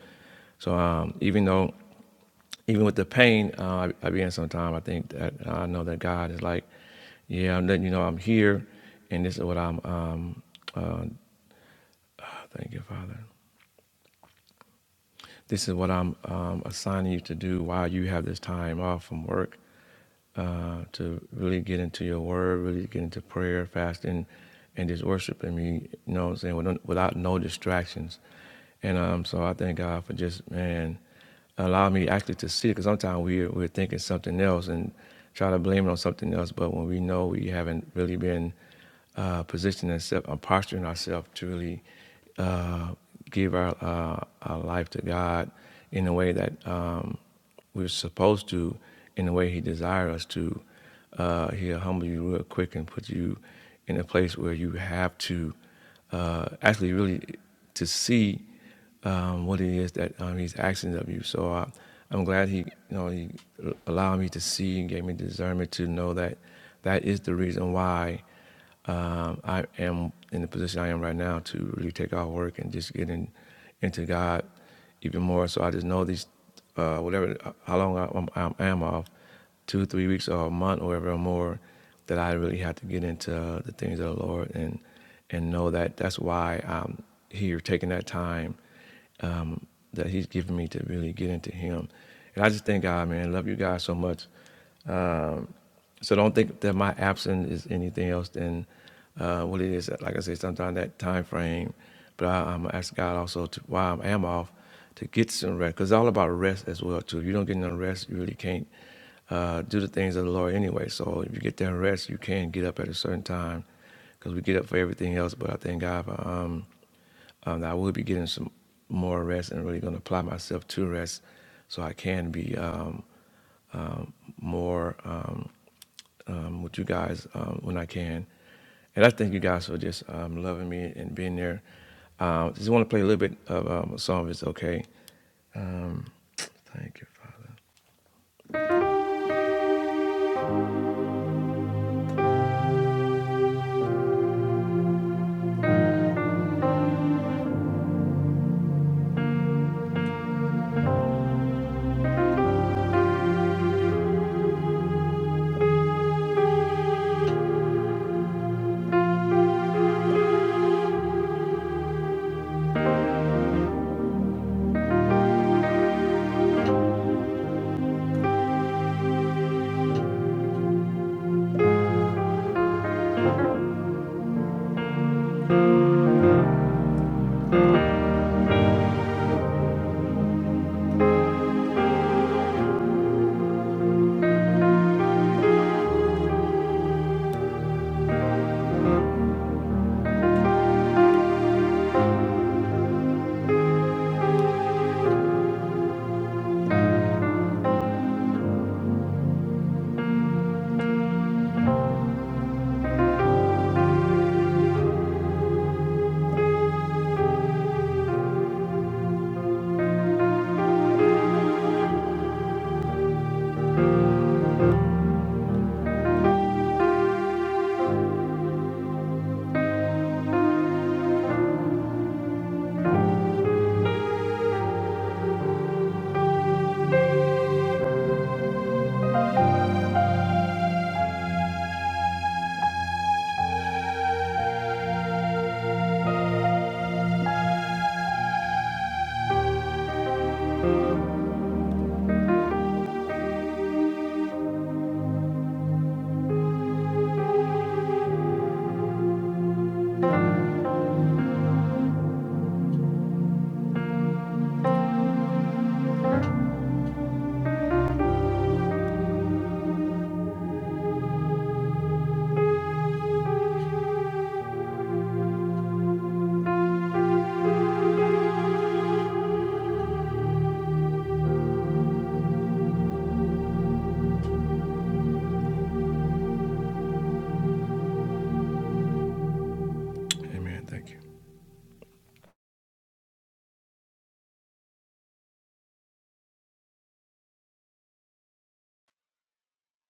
Speaker 12: So um, even though, even with the pain uh, I, I be in sometime, I think that I know that God is like, yeah, I'm letting you know I'm here, and this is what I'm. Um, uh, thank you, Father. This is what I'm um, assigning you to do while you have this time off from work uh, to really get into your word, really get into prayer, fasting, and just worshiping me, you know what I'm saying, without, without no distractions. And um, so I thank God for just, man, allow me actually to see it, because sometimes we're, we're thinking something else and try to blame it on something else, but when we know we haven't really been uh, positioning ourselves, uh, posturing ourselves to really uh, give our, uh, our life to God in a way that um, we're supposed to, in the way He desires us to, uh, He'll humble you real quick and put you in a place where you have to uh, actually really to see um, what it is that um, He's asking of you. So I, I'm glad He, you know, He allowed me to see and gave me discernment to know that that is the reason why um, I am in the position I am right now to really take our work and just get in, into God even more. So I just know these, uh, whatever, how long I, I'm, off, two, three weeks or a month or whatever or more, that I really have to get into uh, the things of the Lord and and know that that's why I'm here taking that time um, that He's given me to really get into Him. And I just thank God, man. I Love you guys so much. So don't think that my absence is anything else than uh, what it is. Like I said, sometimes that time frame. But I, I'm asking God also to while I am off to get some rest, because it's all about rest as well too. If you don't get no rest, you really can't uh, do the things of the Lord anyway. So if you get that rest, you can get up at a certain time, because we get up for everything else. But I thank God for um, um, that I will be getting some more rest and really going to apply myself to rest, so I can be um, more. Um, um, with you guys um, when I can. And I thank you guys for just um, loving me and being there. Uh, just want to play a little bit of um, a song if it's okay. Um, thank you, Father. Amen. Thank you.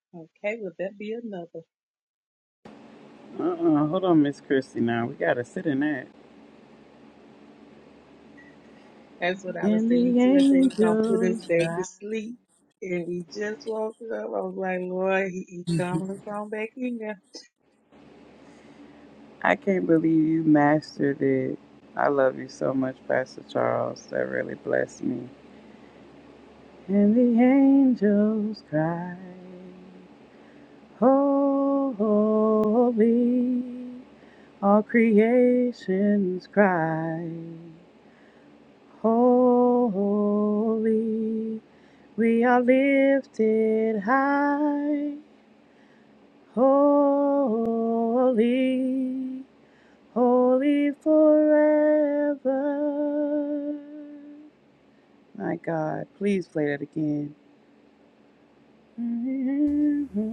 Speaker 4: you. Okay, will that be another?
Speaker 11: Uh-uh, hold on, Miss Christy. Now we gotta sit in that.
Speaker 4: That's what I was
Speaker 11: And
Speaker 4: saying
Speaker 11: the
Speaker 4: too. I said he's gonna put us
Speaker 11: angels
Speaker 4: back
Speaker 11: cry.
Speaker 4: to sleep. And we just woke up. I was like, Lord, he, he coming us on back in there.
Speaker 11: I can't believe you mastered it. I love you so much, Pastor Charles. That really blessed me. And the angels cry, Holy. All creations cry, Holy. We are lifted high, Holy, holy forever. My God, please play that again. Mm-hmm.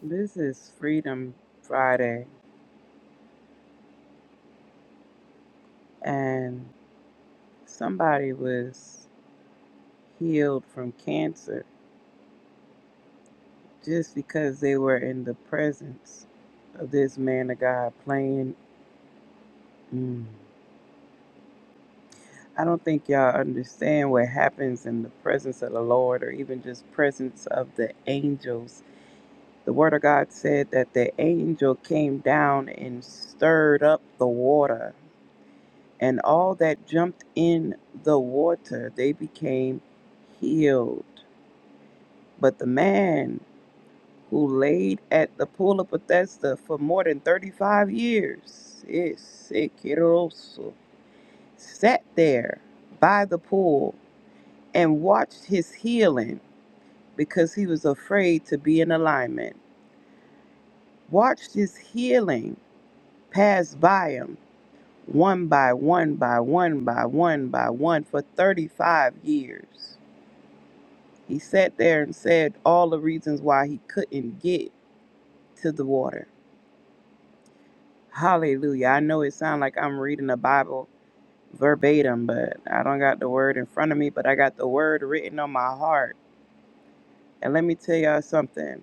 Speaker 11: This is Freedom Friday, and somebody was healed from cancer just because they were in the presence of this man of God playing. Mm. I don't think y'all understand what happens in the presence of the Lord or even just presence of the angels The Word of God said that the angel came down and stirred up the water, and all that jumped in the water, they became healed. But the man who laid at the pool of Bethesda for more than 35 years, yes, it also, sat there by the pool and watched his healing because he was afraid to be in alignment, watched his healing pass by him one by one by one by one by one for 35 years. He sat there and said all the reasons why he couldn't get to the water. Hallelujah. I know it sounds like I'm reading the Bible verbatim, but I don't got the word in front of me, but I got the word written on my heart. And let me tell y'all something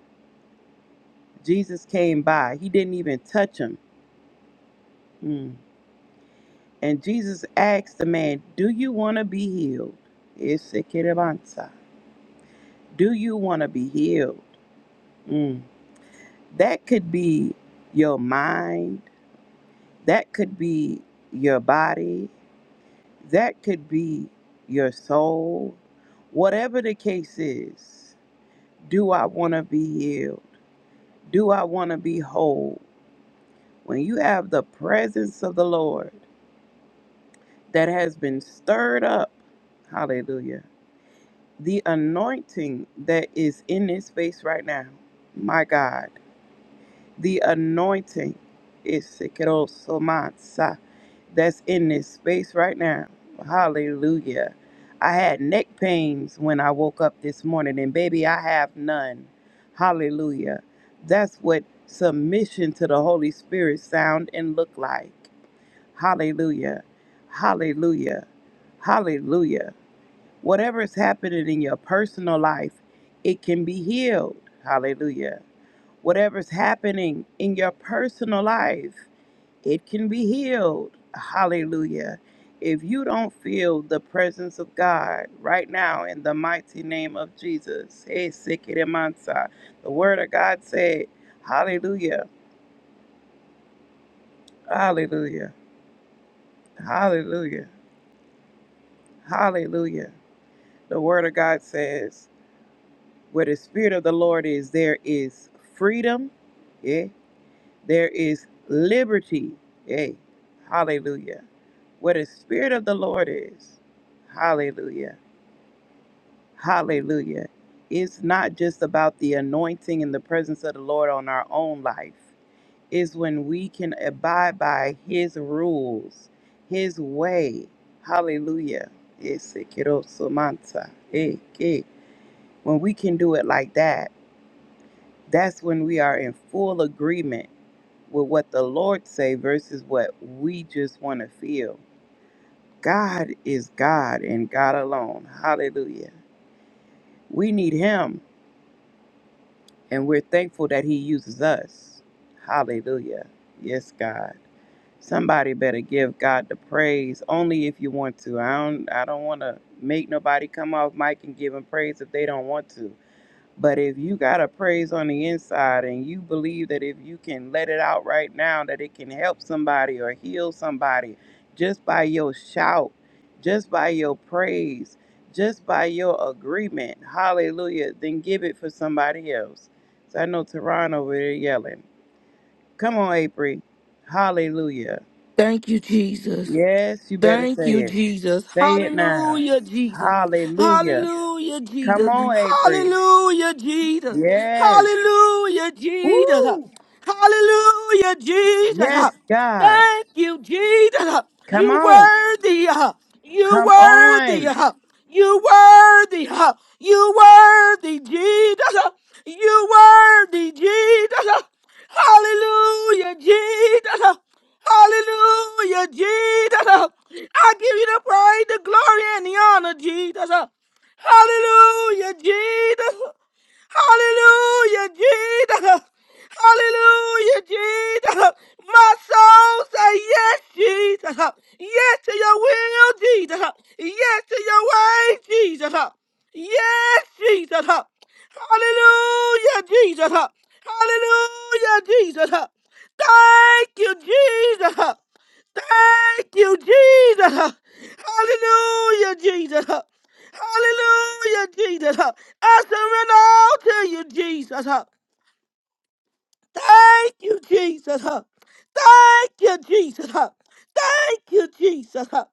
Speaker 11: Jesus came by, he didn't even touch him. Hmm. And Jesus asked the man, Do you want to be healed? It's a kid of answer. Do you want to be healed? Mm. That could be your mind. That could be your body. That could be your soul. Whatever the case is, do I want to be healed? Do I want to be whole? When you have the presence of the Lord that has been stirred up, hallelujah, the anointing that is in this space right now, my God, the anointing is sikirosomatsa that's in this space right now. Hallelujah. I had neck pains when I woke up this morning, and baby, I have none. Hallelujah. That's what submission to the Holy Spirit sound and look like. Hallelujah. Hallelujah. Hallelujah. Whatever is happening in your personal life, it can be healed. Hallelujah. Whatever's happening in your personal life it can be healed. Hallelujah. If you don't feel the presence of God right now in the mighty name of Jesus, hey, Sikidemansa, the word of God said, Hallelujah, hallelujah, hallelujah, hallelujah. The word of God says, where the Spirit of the Lord is, there is freedom, yeah, there is liberty, yeah, hallelujah. Where the Spirit of the Lord is, hallelujah Hallelujah. It's not just about the anointing and the presence of the Lord on our own life. It's when we can abide by his rules, his way. Hallelujah. Ese quiero su mansa. Eh, eh. When we can do it like that, that's when we are in full agreement with what the Lord say versus what we just want to feel. God is God and God alone. Hallelujah. We need him. And we're thankful that He uses us. Hallelujah. Yes, God. Somebody better give God the praise only if you want to. I don't I don't want to make nobody come off mic and give him praise if they don't want to. But if you got a praise on the inside and you believe that if you can let it out right now, that it can help somebody or heal somebody just by your shout, just by your praise, just by your agreement, hallelujah, then give it for somebody else. So I know Teron over there yelling. Come on, April. Hallelujah.
Speaker 2: Thank you, Jesus.
Speaker 11: Yes, you better
Speaker 2: Thank
Speaker 11: say
Speaker 2: you,
Speaker 11: it.
Speaker 2: Jesus.
Speaker 11: Say it now.
Speaker 2: Hallelujah, Jesus.
Speaker 11: Hallelujah.
Speaker 2: Hallelujah,
Speaker 11: Come
Speaker 2: Jesus.
Speaker 11: on, April.
Speaker 2: Hallelujah, Jesus.
Speaker 11: Yes.
Speaker 2: Hallelujah, Jesus.
Speaker 11: Woo!
Speaker 2: Hallelujah, Jesus.
Speaker 11: Yes, God.
Speaker 2: Thank you, Jesus.
Speaker 11: Come
Speaker 2: You
Speaker 11: on.
Speaker 2: worthy. You
Speaker 11: Come on.
Speaker 2: worthy. You worthy. You worthy, Jesus. You worthy, Jesus. Hallelujah, Jesus. Hallelujah, Jesus. I give you the praise, the glory, and the honor, Jesus. Hallelujah, Jesus. Hallelujah, Jesus. Hallelujah, Jesus. My soul say yes, Jesus. Yes to your will, Jesus. Yes to your way, Jesus. Yes, Jesus. Hallelujah, Jesus. Hallelujah, Jesus. Thank you, Jesus. Thank you, Jesus. Hallelujah, Jesus. Hallelujah, Jesus. Huh. I surrender all to you, Jesus. Huh. Thank you, Jesus. Huh. Thank you, Jesus. Huh. Thank you, Jesus. Huh.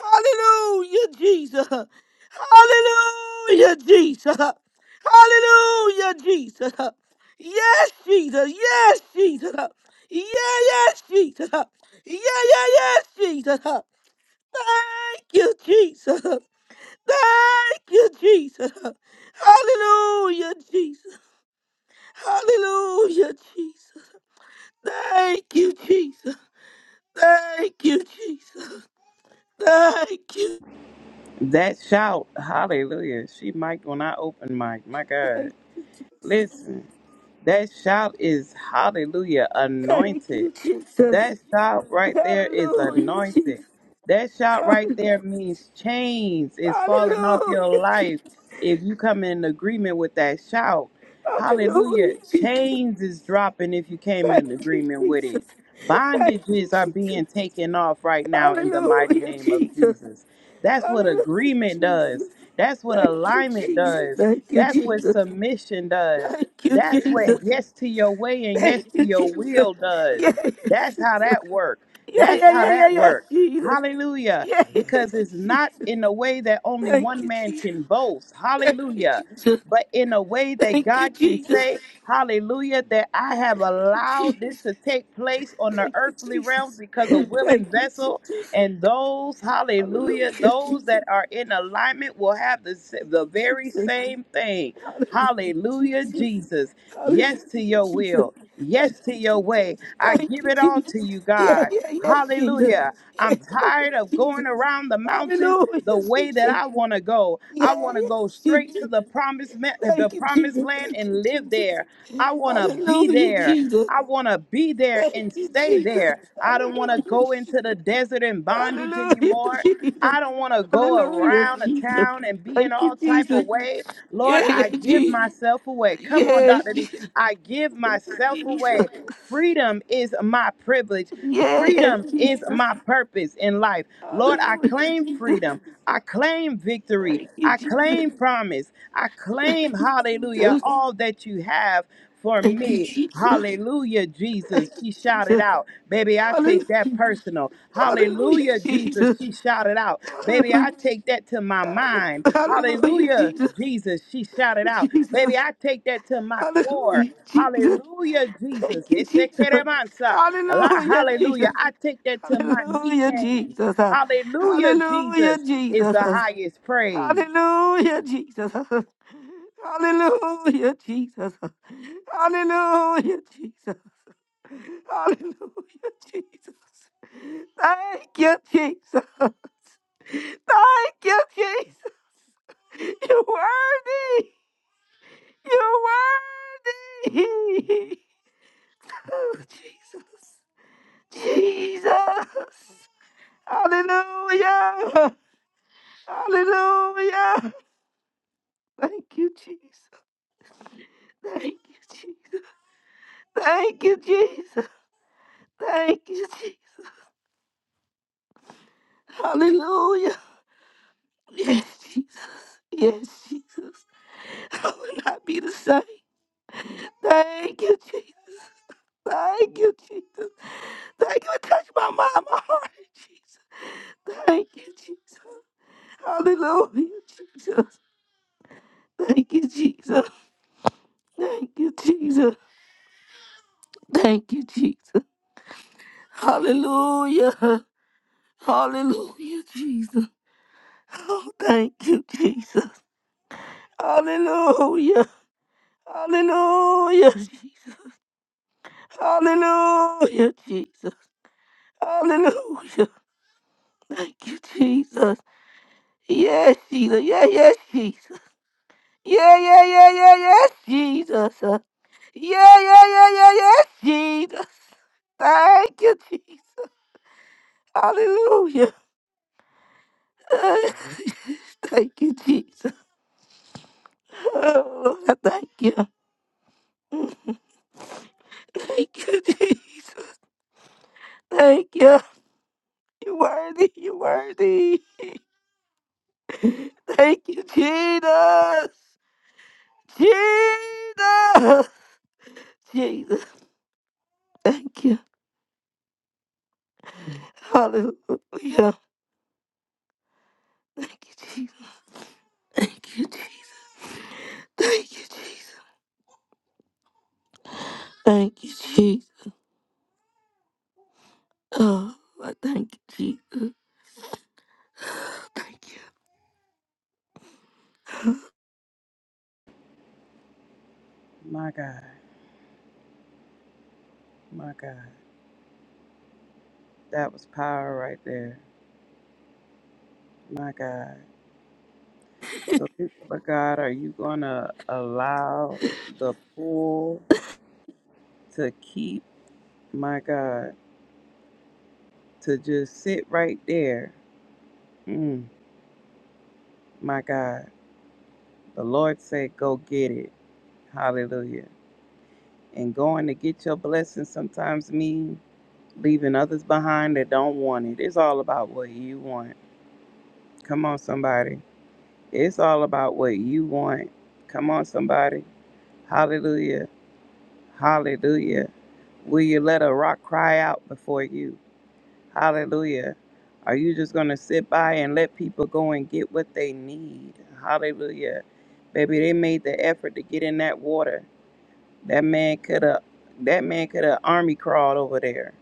Speaker 2: Hallelujah, Jesus. Huh. Hallelujah, Jesus. Huh. Hallelujah, Jesus. Huh. Yes, Jesus. Yes, Jesus. Huh. Yeah, yes, Jesus. Huh. Yeah, yeah, yes, Jesus. Huh. Thank you, Jesus. Huh. Thank you, Jesus. Hallelujah, Jesus. Hallelujah, Jesus. Thank you, Jesus. Thank you, Jesus. Thank you.
Speaker 11: That shout. Hallelujah. She mic when I open mic. My God.
Speaker 2: Thank you, Jesus.
Speaker 11: Listen, that shout is hallelujah
Speaker 2: Thank
Speaker 11: anointed.
Speaker 2: you, Jesus.
Speaker 11: That shout right there is
Speaker 2: Hallelujah,
Speaker 11: anointed.
Speaker 2: Jesus.
Speaker 11: That shout right
Speaker 2: Hallelujah,
Speaker 11: there means chains is falling off your
Speaker 2: Hallelujah,
Speaker 11: life
Speaker 2: Jesus.
Speaker 11: if you come in agreement with that shout.
Speaker 2: Hallelujah,
Speaker 11: Hallelujah.
Speaker 2: Jesus.
Speaker 11: Chains is dropping if you came
Speaker 2: Thank
Speaker 11: in
Speaker 2: you,
Speaker 11: agreement with it.
Speaker 2: Jesus. Thank you,
Speaker 11: Bondages are
Speaker 2: Jesus.
Speaker 11: being taken off right now in the mighty
Speaker 2: Hallelujah,
Speaker 11: name of
Speaker 2: Jesus.
Speaker 11: Jesus. That's what
Speaker 2: Hallelujah,
Speaker 11: agreement
Speaker 2: Jesus.
Speaker 11: does. That's what
Speaker 2: Thank you,
Speaker 11: alignment
Speaker 2: Jesus.
Speaker 11: does.
Speaker 2: Thank you,
Speaker 11: That's what
Speaker 2: Jesus.
Speaker 11: submission does.
Speaker 2: Thank you,
Speaker 11: That's what
Speaker 2: Jesus.
Speaker 11: yes to your way and yes
Speaker 2: Thank
Speaker 11: to
Speaker 2: you,
Speaker 11: your
Speaker 2: Jesus.
Speaker 11: will does.
Speaker 2: Yes.
Speaker 11: That's how that works.
Speaker 2: Yeah,
Speaker 11: That's
Speaker 2: yeah,
Speaker 11: how
Speaker 2: yeah, yeah,
Speaker 11: that
Speaker 2: yeah,
Speaker 11: works.
Speaker 2: Jesus.
Speaker 11: Hallelujah.
Speaker 2: Yeah, yeah,
Speaker 11: Because
Speaker 2: yeah,
Speaker 11: it's not
Speaker 2: Jesus.
Speaker 11: in a way that only
Speaker 2: Thank
Speaker 11: one
Speaker 2: you,
Speaker 11: man
Speaker 2: Jesus.
Speaker 11: can boast.
Speaker 2: Thank you,
Speaker 11: Hallelujah.
Speaker 2: Jesus.
Speaker 11: But in a way that
Speaker 2: Thank you,
Speaker 11: God can
Speaker 2: Jesus.
Speaker 11: say, Hallelujah, that I have
Speaker 2: Thank you,
Speaker 11: allowed this to take place on the earthly realm
Speaker 2: Jesus.
Speaker 11: because a willing
Speaker 2: Thank you,
Speaker 11: vessel
Speaker 2: Jesus.
Speaker 11: and those, hallelujah,
Speaker 2: Hallelujah,
Speaker 11: those
Speaker 2: Jesus.
Speaker 11: that are in alignment will have the, s-
Speaker 2: Thank
Speaker 11: the
Speaker 2: you,
Speaker 11: very
Speaker 2: Jesus.
Speaker 11: same thing.
Speaker 2: Hallelujah,
Speaker 11: Hallelujah,
Speaker 2: Jesus.
Speaker 11: Jesus. Yes to
Speaker 2: Hallelujah,
Speaker 11: your
Speaker 2: Jesus.
Speaker 11: will
Speaker 2: Thank
Speaker 11: yes to
Speaker 2: you,
Speaker 11: your
Speaker 2: Jesus.
Speaker 11: way. I
Speaker 2: Thank
Speaker 11: give
Speaker 2: you,
Speaker 11: it all
Speaker 2: Jesus.
Speaker 11: to you,
Speaker 2: Yeah,
Speaker 11: God.
Speaker 2: yeah, yeah, Jesus.
Speaker 11: Hallelujah.
Speaker 2: Yeah,
Speaker 11: I'm
Speaker 2: yeah, yeah,
Speaker 11: tired of
Speaker 2: Jesus.
Speaker 11: going around the mountain
Speaker 2: Hallelujah,
Speaker 11: the way that
Speaker 2: Jesus.
Speaker 11: I want to go. I
Speaker 2: Yeah,
Speaker 11: want to
Speaker 2: yeah,
Speaker 11: go straight to
Speaker 2: Jesus.
Speaker 11: the promised ma- the
Speaker 2: Thank you,
Speaker 11: promised
Speaker 2: Jesus.
Speaker 11: land
Speaker 2: Thank you,
Speaker 11: and live
Speaker 2: Jesus.
Speaker 11: there. I want to be
Speaker 2: Hallelujah,
Speaker 11: there.
Speaker 2: Jesus.
Speaker 11: I want to be there
Speaker 2: Thank
Speaker 11: and
Speaker 2: you,
Speaker 11: stay
Speaker 2: Jesus.
Speaker 11: there. I don't want to
Speaker 2: Hallelujah,
Speaker 11: go into the
Speaker 2: Jesus.
Speaker 11: desert in bondage
Speaker 2: Hallelujah,
Speaker 11: anymore.
Speaker 2: Jesus.
Speaker 11: I don't want to go
Speaker 2: Hallelujah,
Speaker 11: around the
Speaker 2: Jesus.
Speaker 11: town and be in
Speaker 2: Thank
Speaker 11: all
Speaker 2: you,
Speaker 11: type
Speaker 2: Jesus.
Speaker 11: of way.
Speaker 2: Yeah,
Speaker 11: Lord,
Speaker 2: yeah,
Speaker 11: I give
Speaker 2: Jesus.
Speaker 11: myself away. Come on,
Speaker 2: Yes,
Speaker 11: Dr. D.
Speaker 2: Jesus.
Speaker 11: I give
Speaker 2: Thank you,
Speaker 11: myself away.
Speaker 2: Jesus.
Speaker 11: Freedom is my privilege.
Speaker 2: Yes,
Speaker 11: Freedom is
Speaker 2: Jesus.
Speaker 11: my purpose in life. Lord, I
Speaker 2: Hallelujah,
Speaker 11: claim
Speaker 2: Jesus.
Speaker 11: freedom. I claim victory.
Speaker 2: Thank you,
Speaker 11: I
Speaker 2: Jesus.
Speaker 11: claim promise. I
Speaker 2: Thank
Speaker 11: claim,
Speaker 2: you,
Speaker 11: hallelujah,
Speaker 2: Jesus.
Speaker 11: all that you have for
Speaker 2: Thank you,
Speaker 11: me.
Speaker 2: Jesus.
Speaker 11: Hallelujah, Jesus.
Speaker 2: Thank
Speaker 11: She
Speaker 2: you,
Speaker 11: shouted
Speaker 2: Jesus.
Speaker 11: out. Baby, I take that
Speaker 2: Hallelujah.
Speaker 11: personal.
Speaker 2: Hallelujah,
Speaker 11: Hallelujah, Jesus.
Speaker 2: Jesus.
Speaker 11: She shouted out. Baby,
Speaker 2: Hallelujah.
Speaker 11: I take that to my
Speaker 2: Hallelujah,
Speaker 11: mind.
Speaker 2: Hallelujah,
Speaker 11: Hallelujah,
Speaker 2: Jesus.
Speaker 11: Jesus. She shouted out. Baby,
Speaker 2: Jesus.
Speaker 11: I take that to my core.
Speaker 2: Hallelujah, Jesus.
Speaker 11: Hallelujah, Jesus.
Speaker 2: Thank you, Jesus.
Speaker 11: Esekeremansa. La-
Speaker 2: Hallelujah, Jesus.
Speaker 11: Hallelujah. I take that to my knee
Speaker 2: Hallelujah,
Speaker 11: pain.
Speaker 2: Jesus.
Speaker 11: Hallelujah,
Speaker 2: Hallelujah,
Speaker 11: Jesus is the
Speaker 2: Jesus.
Speaker 11: highest praise.
Speaker 2: Hallelujah, Jesus. Hallelujah, Jesus. Hallelujah, Jesus. Hallelujah, Jesus. Thank you, Jesus. Thank you, Jesus. You're worthy. You're worthy. Oh, Jesus. Jesus. Hallelujah. Hallelujah. Thank you, Jesus. Thank you, Jesus. Thank you, Jesus. Thank you, Jesus. Hallelujah. Yes, Jesus. Yes, Jesus. I will not be the same. Thank you, Jesus. Thank you, Jesus. Thank you for touching my mind, my heart, Jesus. Thank you, Jesus. Hallelujah, Jesus. Thank you, Jesus. Thank you, Jesus. Thank you, Jesus. Hallelujah. Hallelujah, Jesus. Oh, thank you, Jesus. Hallelujah. Hallelujah, Jesus. Hallelujah, Jesus. Hallelujah. Thank you, Jesus. Yes, Jesus. Yeah, yes, Jesus. Yeah, yeah, yeah, yeah, yes, Jesus. Yeah, yeah, yeah, yeah, yes, Jesus. Thank you, Jesus. Hallelujah. Thank you, Jesus. Oh, Lord, I thank you. Thank you, Jesus. Thank you. You're worthy. You're worthy. Thank you, Jesus. Jesus. Jesus. Thank you. Hallelujah. Thank you, Jesus. Thank you, Jesus. Thank you, Jesus. Thank you, Jesus. Oh, I thank you, Jesus. Thank you.
Speaker 11: My God, my God. That was power right there. My God. So, people of God, are you going to allow the pool to keep, my God, to just sit right there? Mm, my God. The Lord said, go get it. Hallelujah. and going to get your blessing sometimes means leaving others behind that don't want it. It's all about what you want. Come on, somebody. It's all about what you want. Come on, somebody. Hallelujah. Hallelujah. Will you let a rock cry out before you? Hallelujah. Are you just going to sit by and let people go and get what they need? Hallelujah. Baby, they made the effort to get in that water. That man could have that man could have army crawled over there.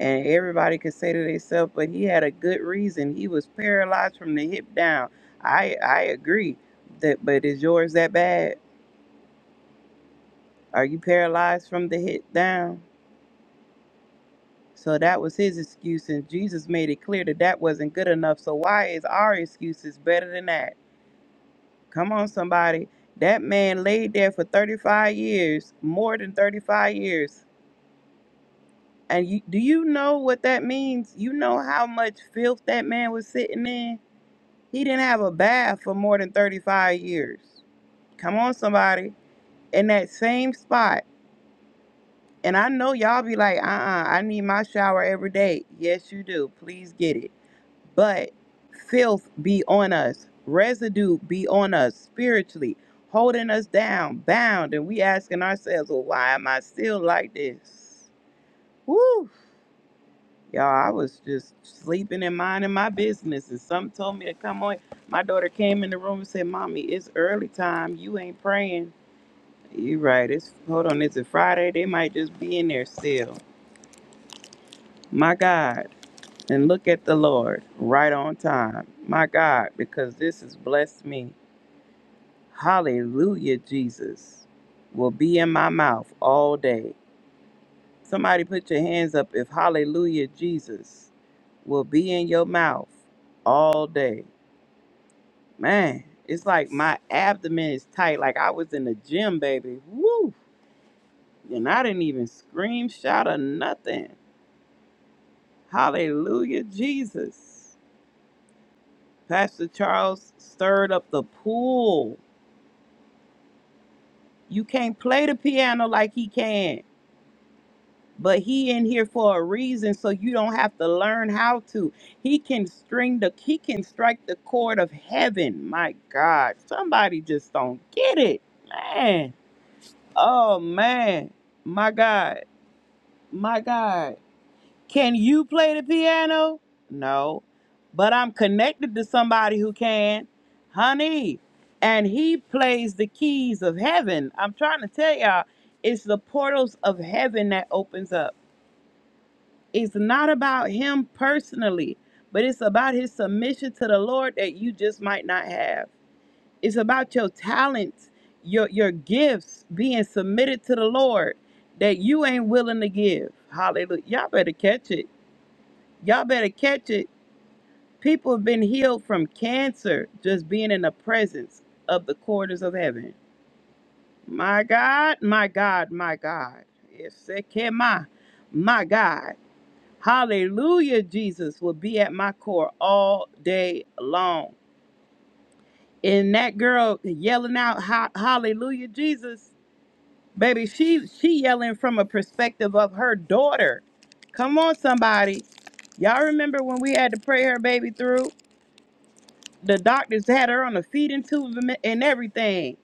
Speaker 11: and everybody could say to themselves, but he had a good reason. He was paralyzed from the hip down. I I agree that, but is yours that bad? Are you paralyzed from the hip down? So that was his excuse, and Jesus made it clear that that wasn't good enough. So why is our excuses better than that? Come on, somebody. That man laid there for 35 years, more than 35 years. And you, do you know what that means? You know how much filth that man was sitting in? He didn't have a bath for more than 35 years. Come on, somebody. In that same spot. And I know y'all be like, uh uh I need my shower every day. Yes, you do. Please get it. But filth be on us, residue be on us spiritually, holding us down, bound. And we asking ourselves, well, why am I still like this? Woo! Y'all, I was just sleeping and minding my business, and something told me to come on. My daughter came in the room and said, "Mommy, it's early time. You ain't praying." You right. It's hold on. It's a Friday. They might just be in there still. My God, and look at the Lord right on time. My God, because this has blessed me. Hallelujah, Jesus will be in my mouth all day. Somebody put your hands up if Hallelujah, Jesus will be in your mouth all day. Man, it's like my abdomen is tight. Like I was in the gym, baby. Woo! And I didn't even scream, shout, or nothing. Hallelujah, Jesus. Pastor Charles stirred up the pool. You can't play the piano like he can, but he in here for a reason, so you don't have to learn how to. He can string the he can strike the chord of heaven. My God, somebody just don't get it, man. Oh man, my God. My God, can you play the piano? No, but I'm connected to somebody who can, honey. And he plays the keys of heaven. I'm trying to tell y'all, it's the portals of heaven that opens up. It's not about him personally, but it's about his submission to the Lord that you just might not have. It's about your talents, your your gifts being submitted to the Lord that you ain't willing to give. Hallelujah. Y'all better catch it Y'all better catch it. People have been healed from cancer just being in the presence of the quarters of heaven. My God, my God, my God. Yes, I can. my, my God. Hallelujah, Jesus will be at my core all day long. And that girl yelling out "Ha- hallelujah, Jesus. Baby, she she yelling from a perspective of her daughter. Come on, somebody. Y'all remember when we had to pray her baby through? The doctors had her on a feeding tube and everything.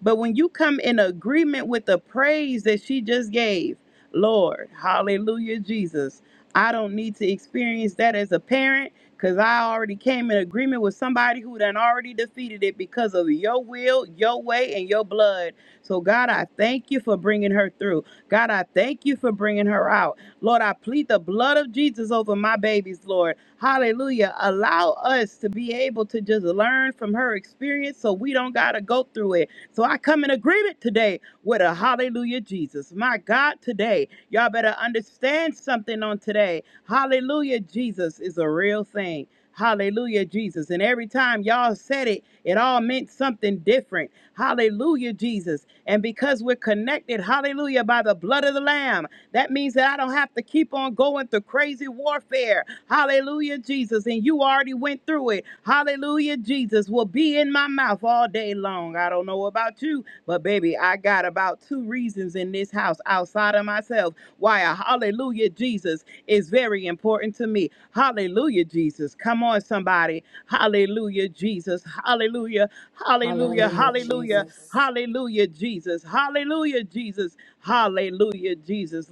Speaker 11: But when you come in agreement with the praise that she just gave, Lord, hallelujah, Jesus, I don't need to experience that as a parent because I already came in agreement with somebody who done already defeated it because of your will, your way, and your blood. So, God, I thank you for bringing her through. God, I thank you for bringing her out. Lord, I plead the blood of Jesus over my babies, Lord. Hallelujah. Allow us to be able to just learn from her experience so we don't got to go through it. So I come in agreement today with a hallelujah, Jesus. My God, today, y'all better understand something on today. Hallelujah, Jesus is a real thing. Hallelujah, Jesus. And every time y'all said it, it all meant something different. Hallelujah, Jesus. And because we're connected, hallelujah, by the blood of the Lamb. That means that I don't have to keep on going through crazy warfare. Hallelujah, Jesus. And you already went through it. Hallelujah, Jesus will be in my mouth all day long. I don't know about you, but baby, I got about two reasons in this house outside of myself why a hallelujah, Jesus is very important to me. Hallelujah, Jesus. Come on, somebody. Hallelujah, Jesus. Hallelujah. Hallelujah,
Speaker 13: Hallelujah,
Speaker 11: Hallelujah,
Speaker 13: Jesus.
Speaker 11: hallelujah, Jesus. hallelujah, Jesus. Hallelujah, Jesus.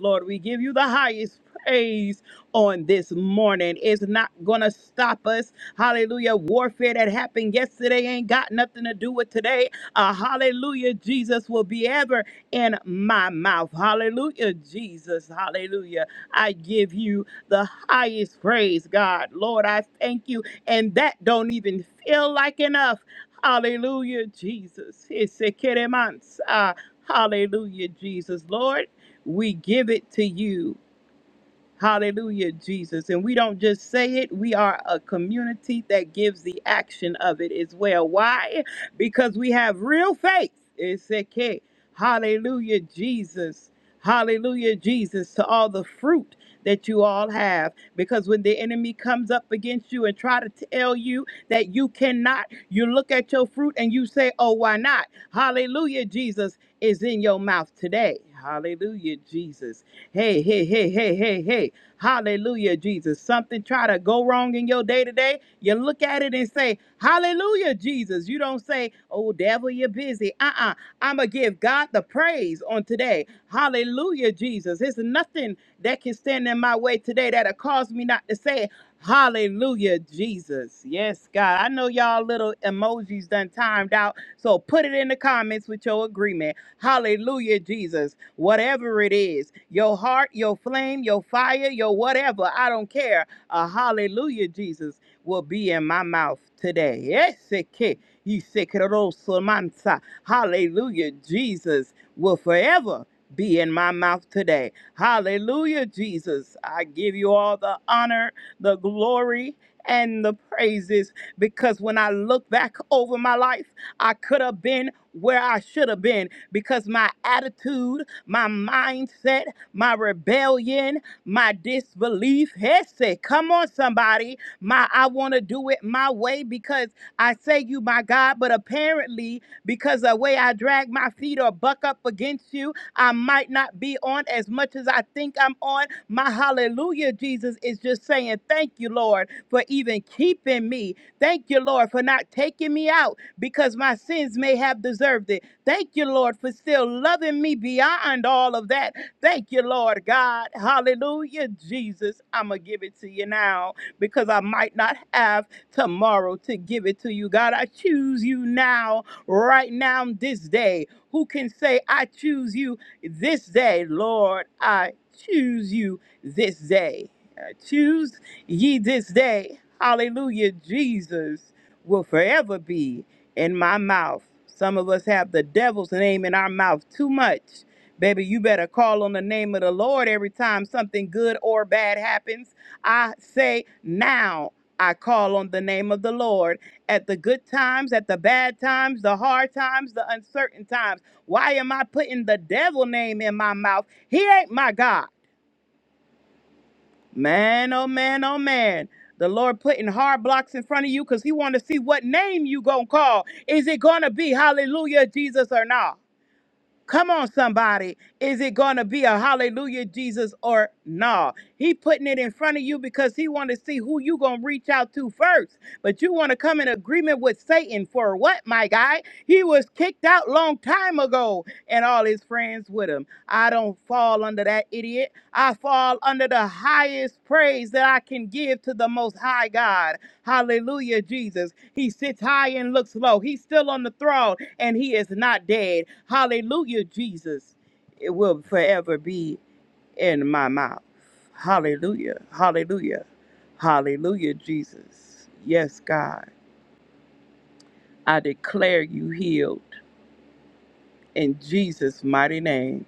Speaker 11: Lord, we give you the highest praise on this morning. It's not going to stop us. Hallelujah. Warfare that happened yesterday ain't got nothing to do with today. Uh, hallelujah, Jesus will be ever in my mouth. Hallelujah, Jesus. Hallelujah. I give you the highest praise, God. Lord, I thank you. And that don't even feel like enough. Hallelujah, Jesus. Isekeremansa. Hallelujah, Jesus. Lord, we give it to you. Hallelujah, Jesus. And we don't just say it, we are a community that gives the action of it as well. Why? Because we have real faith. It's okay. Hallelujah, Jesus. Hallelujah, Jesus, to all the fruit that you all have. Because when the enemy comes up against you and try to tell you that you cannot, you look at your fruit and you say, oh, why not? Hallelujah, Jesus is in your mouth today. Hallelujah, Jesus. Hey, hey, hey, hey, hey, hey. Hallelujah, Jesus. Something try to go wrong in your day to day, you look at it and say, Hallelujah, Jesus. You don't say, Oh, devil, you're busy. Uh uh i am going to give God the praise on today. Hallelujah, Jesus. There's nothing that can stand in my way today that'll cause me not to say, Hallelujah, Jesus. Yes, God. I know y'all little emojis done timed out, so put it in the comments with your agreement. Hallelujah, Jesus whatever it is your heart, your flame, your fire, your whatever. I don't care. A hallelujah, Jesus, will be in my mouth today. Yes, it can. He said, "Keroso mansa." Hallelujah, Jesus will forever be in my mouth today. Hallelujah, Jesus. I give you all the honor, the glory, and the praises because when I look back over my life, I could have been where I should have been because my attitude my mindset, my rebellion, my disbelief. Hesse, come on, somebody. My I want to do it my way because I say you my God, but apparently because the way I drag my feet or buck up against you, I might not be on as much as I think I'm on. My hallelujah, Jesus, is just saying, Thank you, Lord, for even keeping me. Thank you, Lord, for not taking me out because my sins may have deserved it. Thank you, Lord, for still loving me beyond all of that. Thank you, Lord God. Hallelujah, Jesus. I'm going to give it to you now because I might not have tomorrow to give it to you. God, I choose you now, right now, this day. Who can say, I choose you this day? Lord, I choose you this day. I choose ye this day. Hallelujah, Jesus will forever be in my mouth. Some of us have the devil's name in our mouth too much. Baby, you better call on the name of the Lord every time something good or bad happens. I say now. I call on the name of the Lord at the good times, at the bad times, the hard times, the uncertain times. Why am I putting the devil name in my mouth? He ain't my God. Man, oh man, oh man. The Lord putting hard blocks in front of you because He want to see what name you gonna call. Is it gonna be Hallelujah Jesus or not? Come on, somebody. Is it going to be a hallelujah, Jesus, or no? He putting it in front of you because he want to see who you going to reach out to first. But you want to come in agreement with Satan for what, my guy? He was kicked out long time ago and all his friends with him. I don't fall under that idiot. I fall under the highest praise that I can give to the most high God. Hallelujah, Jesus. He sits high and looks low. He's still on the throne and he is not dead. Hallelujah, Jesus. It will forever be in my mouth. Hallelujah. Hallelujah. Hallelujah, Jesus. Yes, God. I declare you healed in Jesus' mighty name.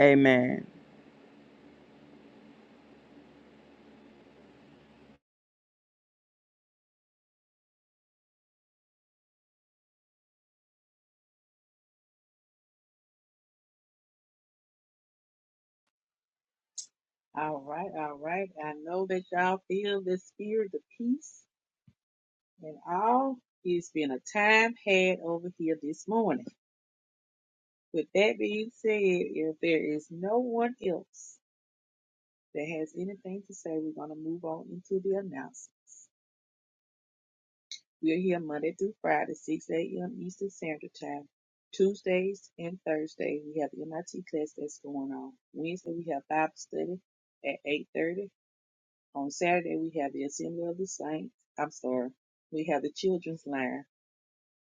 Speaker 11: Amen.
Speaker 4: All right, all right. I know that y'all feel the spirit of peace and all. It's been a time had over here this morning. With that being said, if there is no one else that has anything to say, we're going to move on into the announcements. We're here Monday through Friday, 6 a.m. Eastern Standard Time. Tuesdays and Thursdays, we have MIT class that's going on. Wednesday, we have Bible study at 8.30. On Saturday, we have the Assembly of the Saints. I'm sorry. We have the Children's Line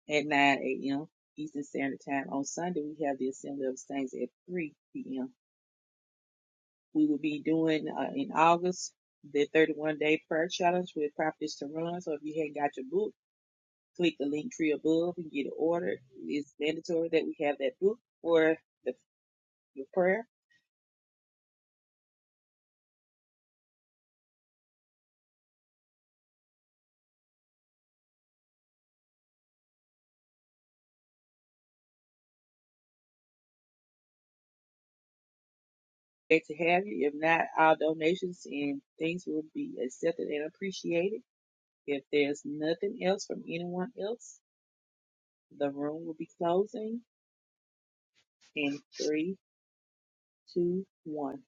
Speaker 4: at 9 a.m. Eastern Standard Time. On Sunday, we have the Assembly of Saints at 3 p.m. We will be doing uh, in August the 31 day prayer challenge with Properties to Run. So if you haven't got your book, click the link tree above and get it ordered. It's mandatory that we have that book for the, the prayer. Great to have you. If not, our donations and things will be accepted and appreciated. If there's nothing else from anyone else, the room will be closing in three, two, one.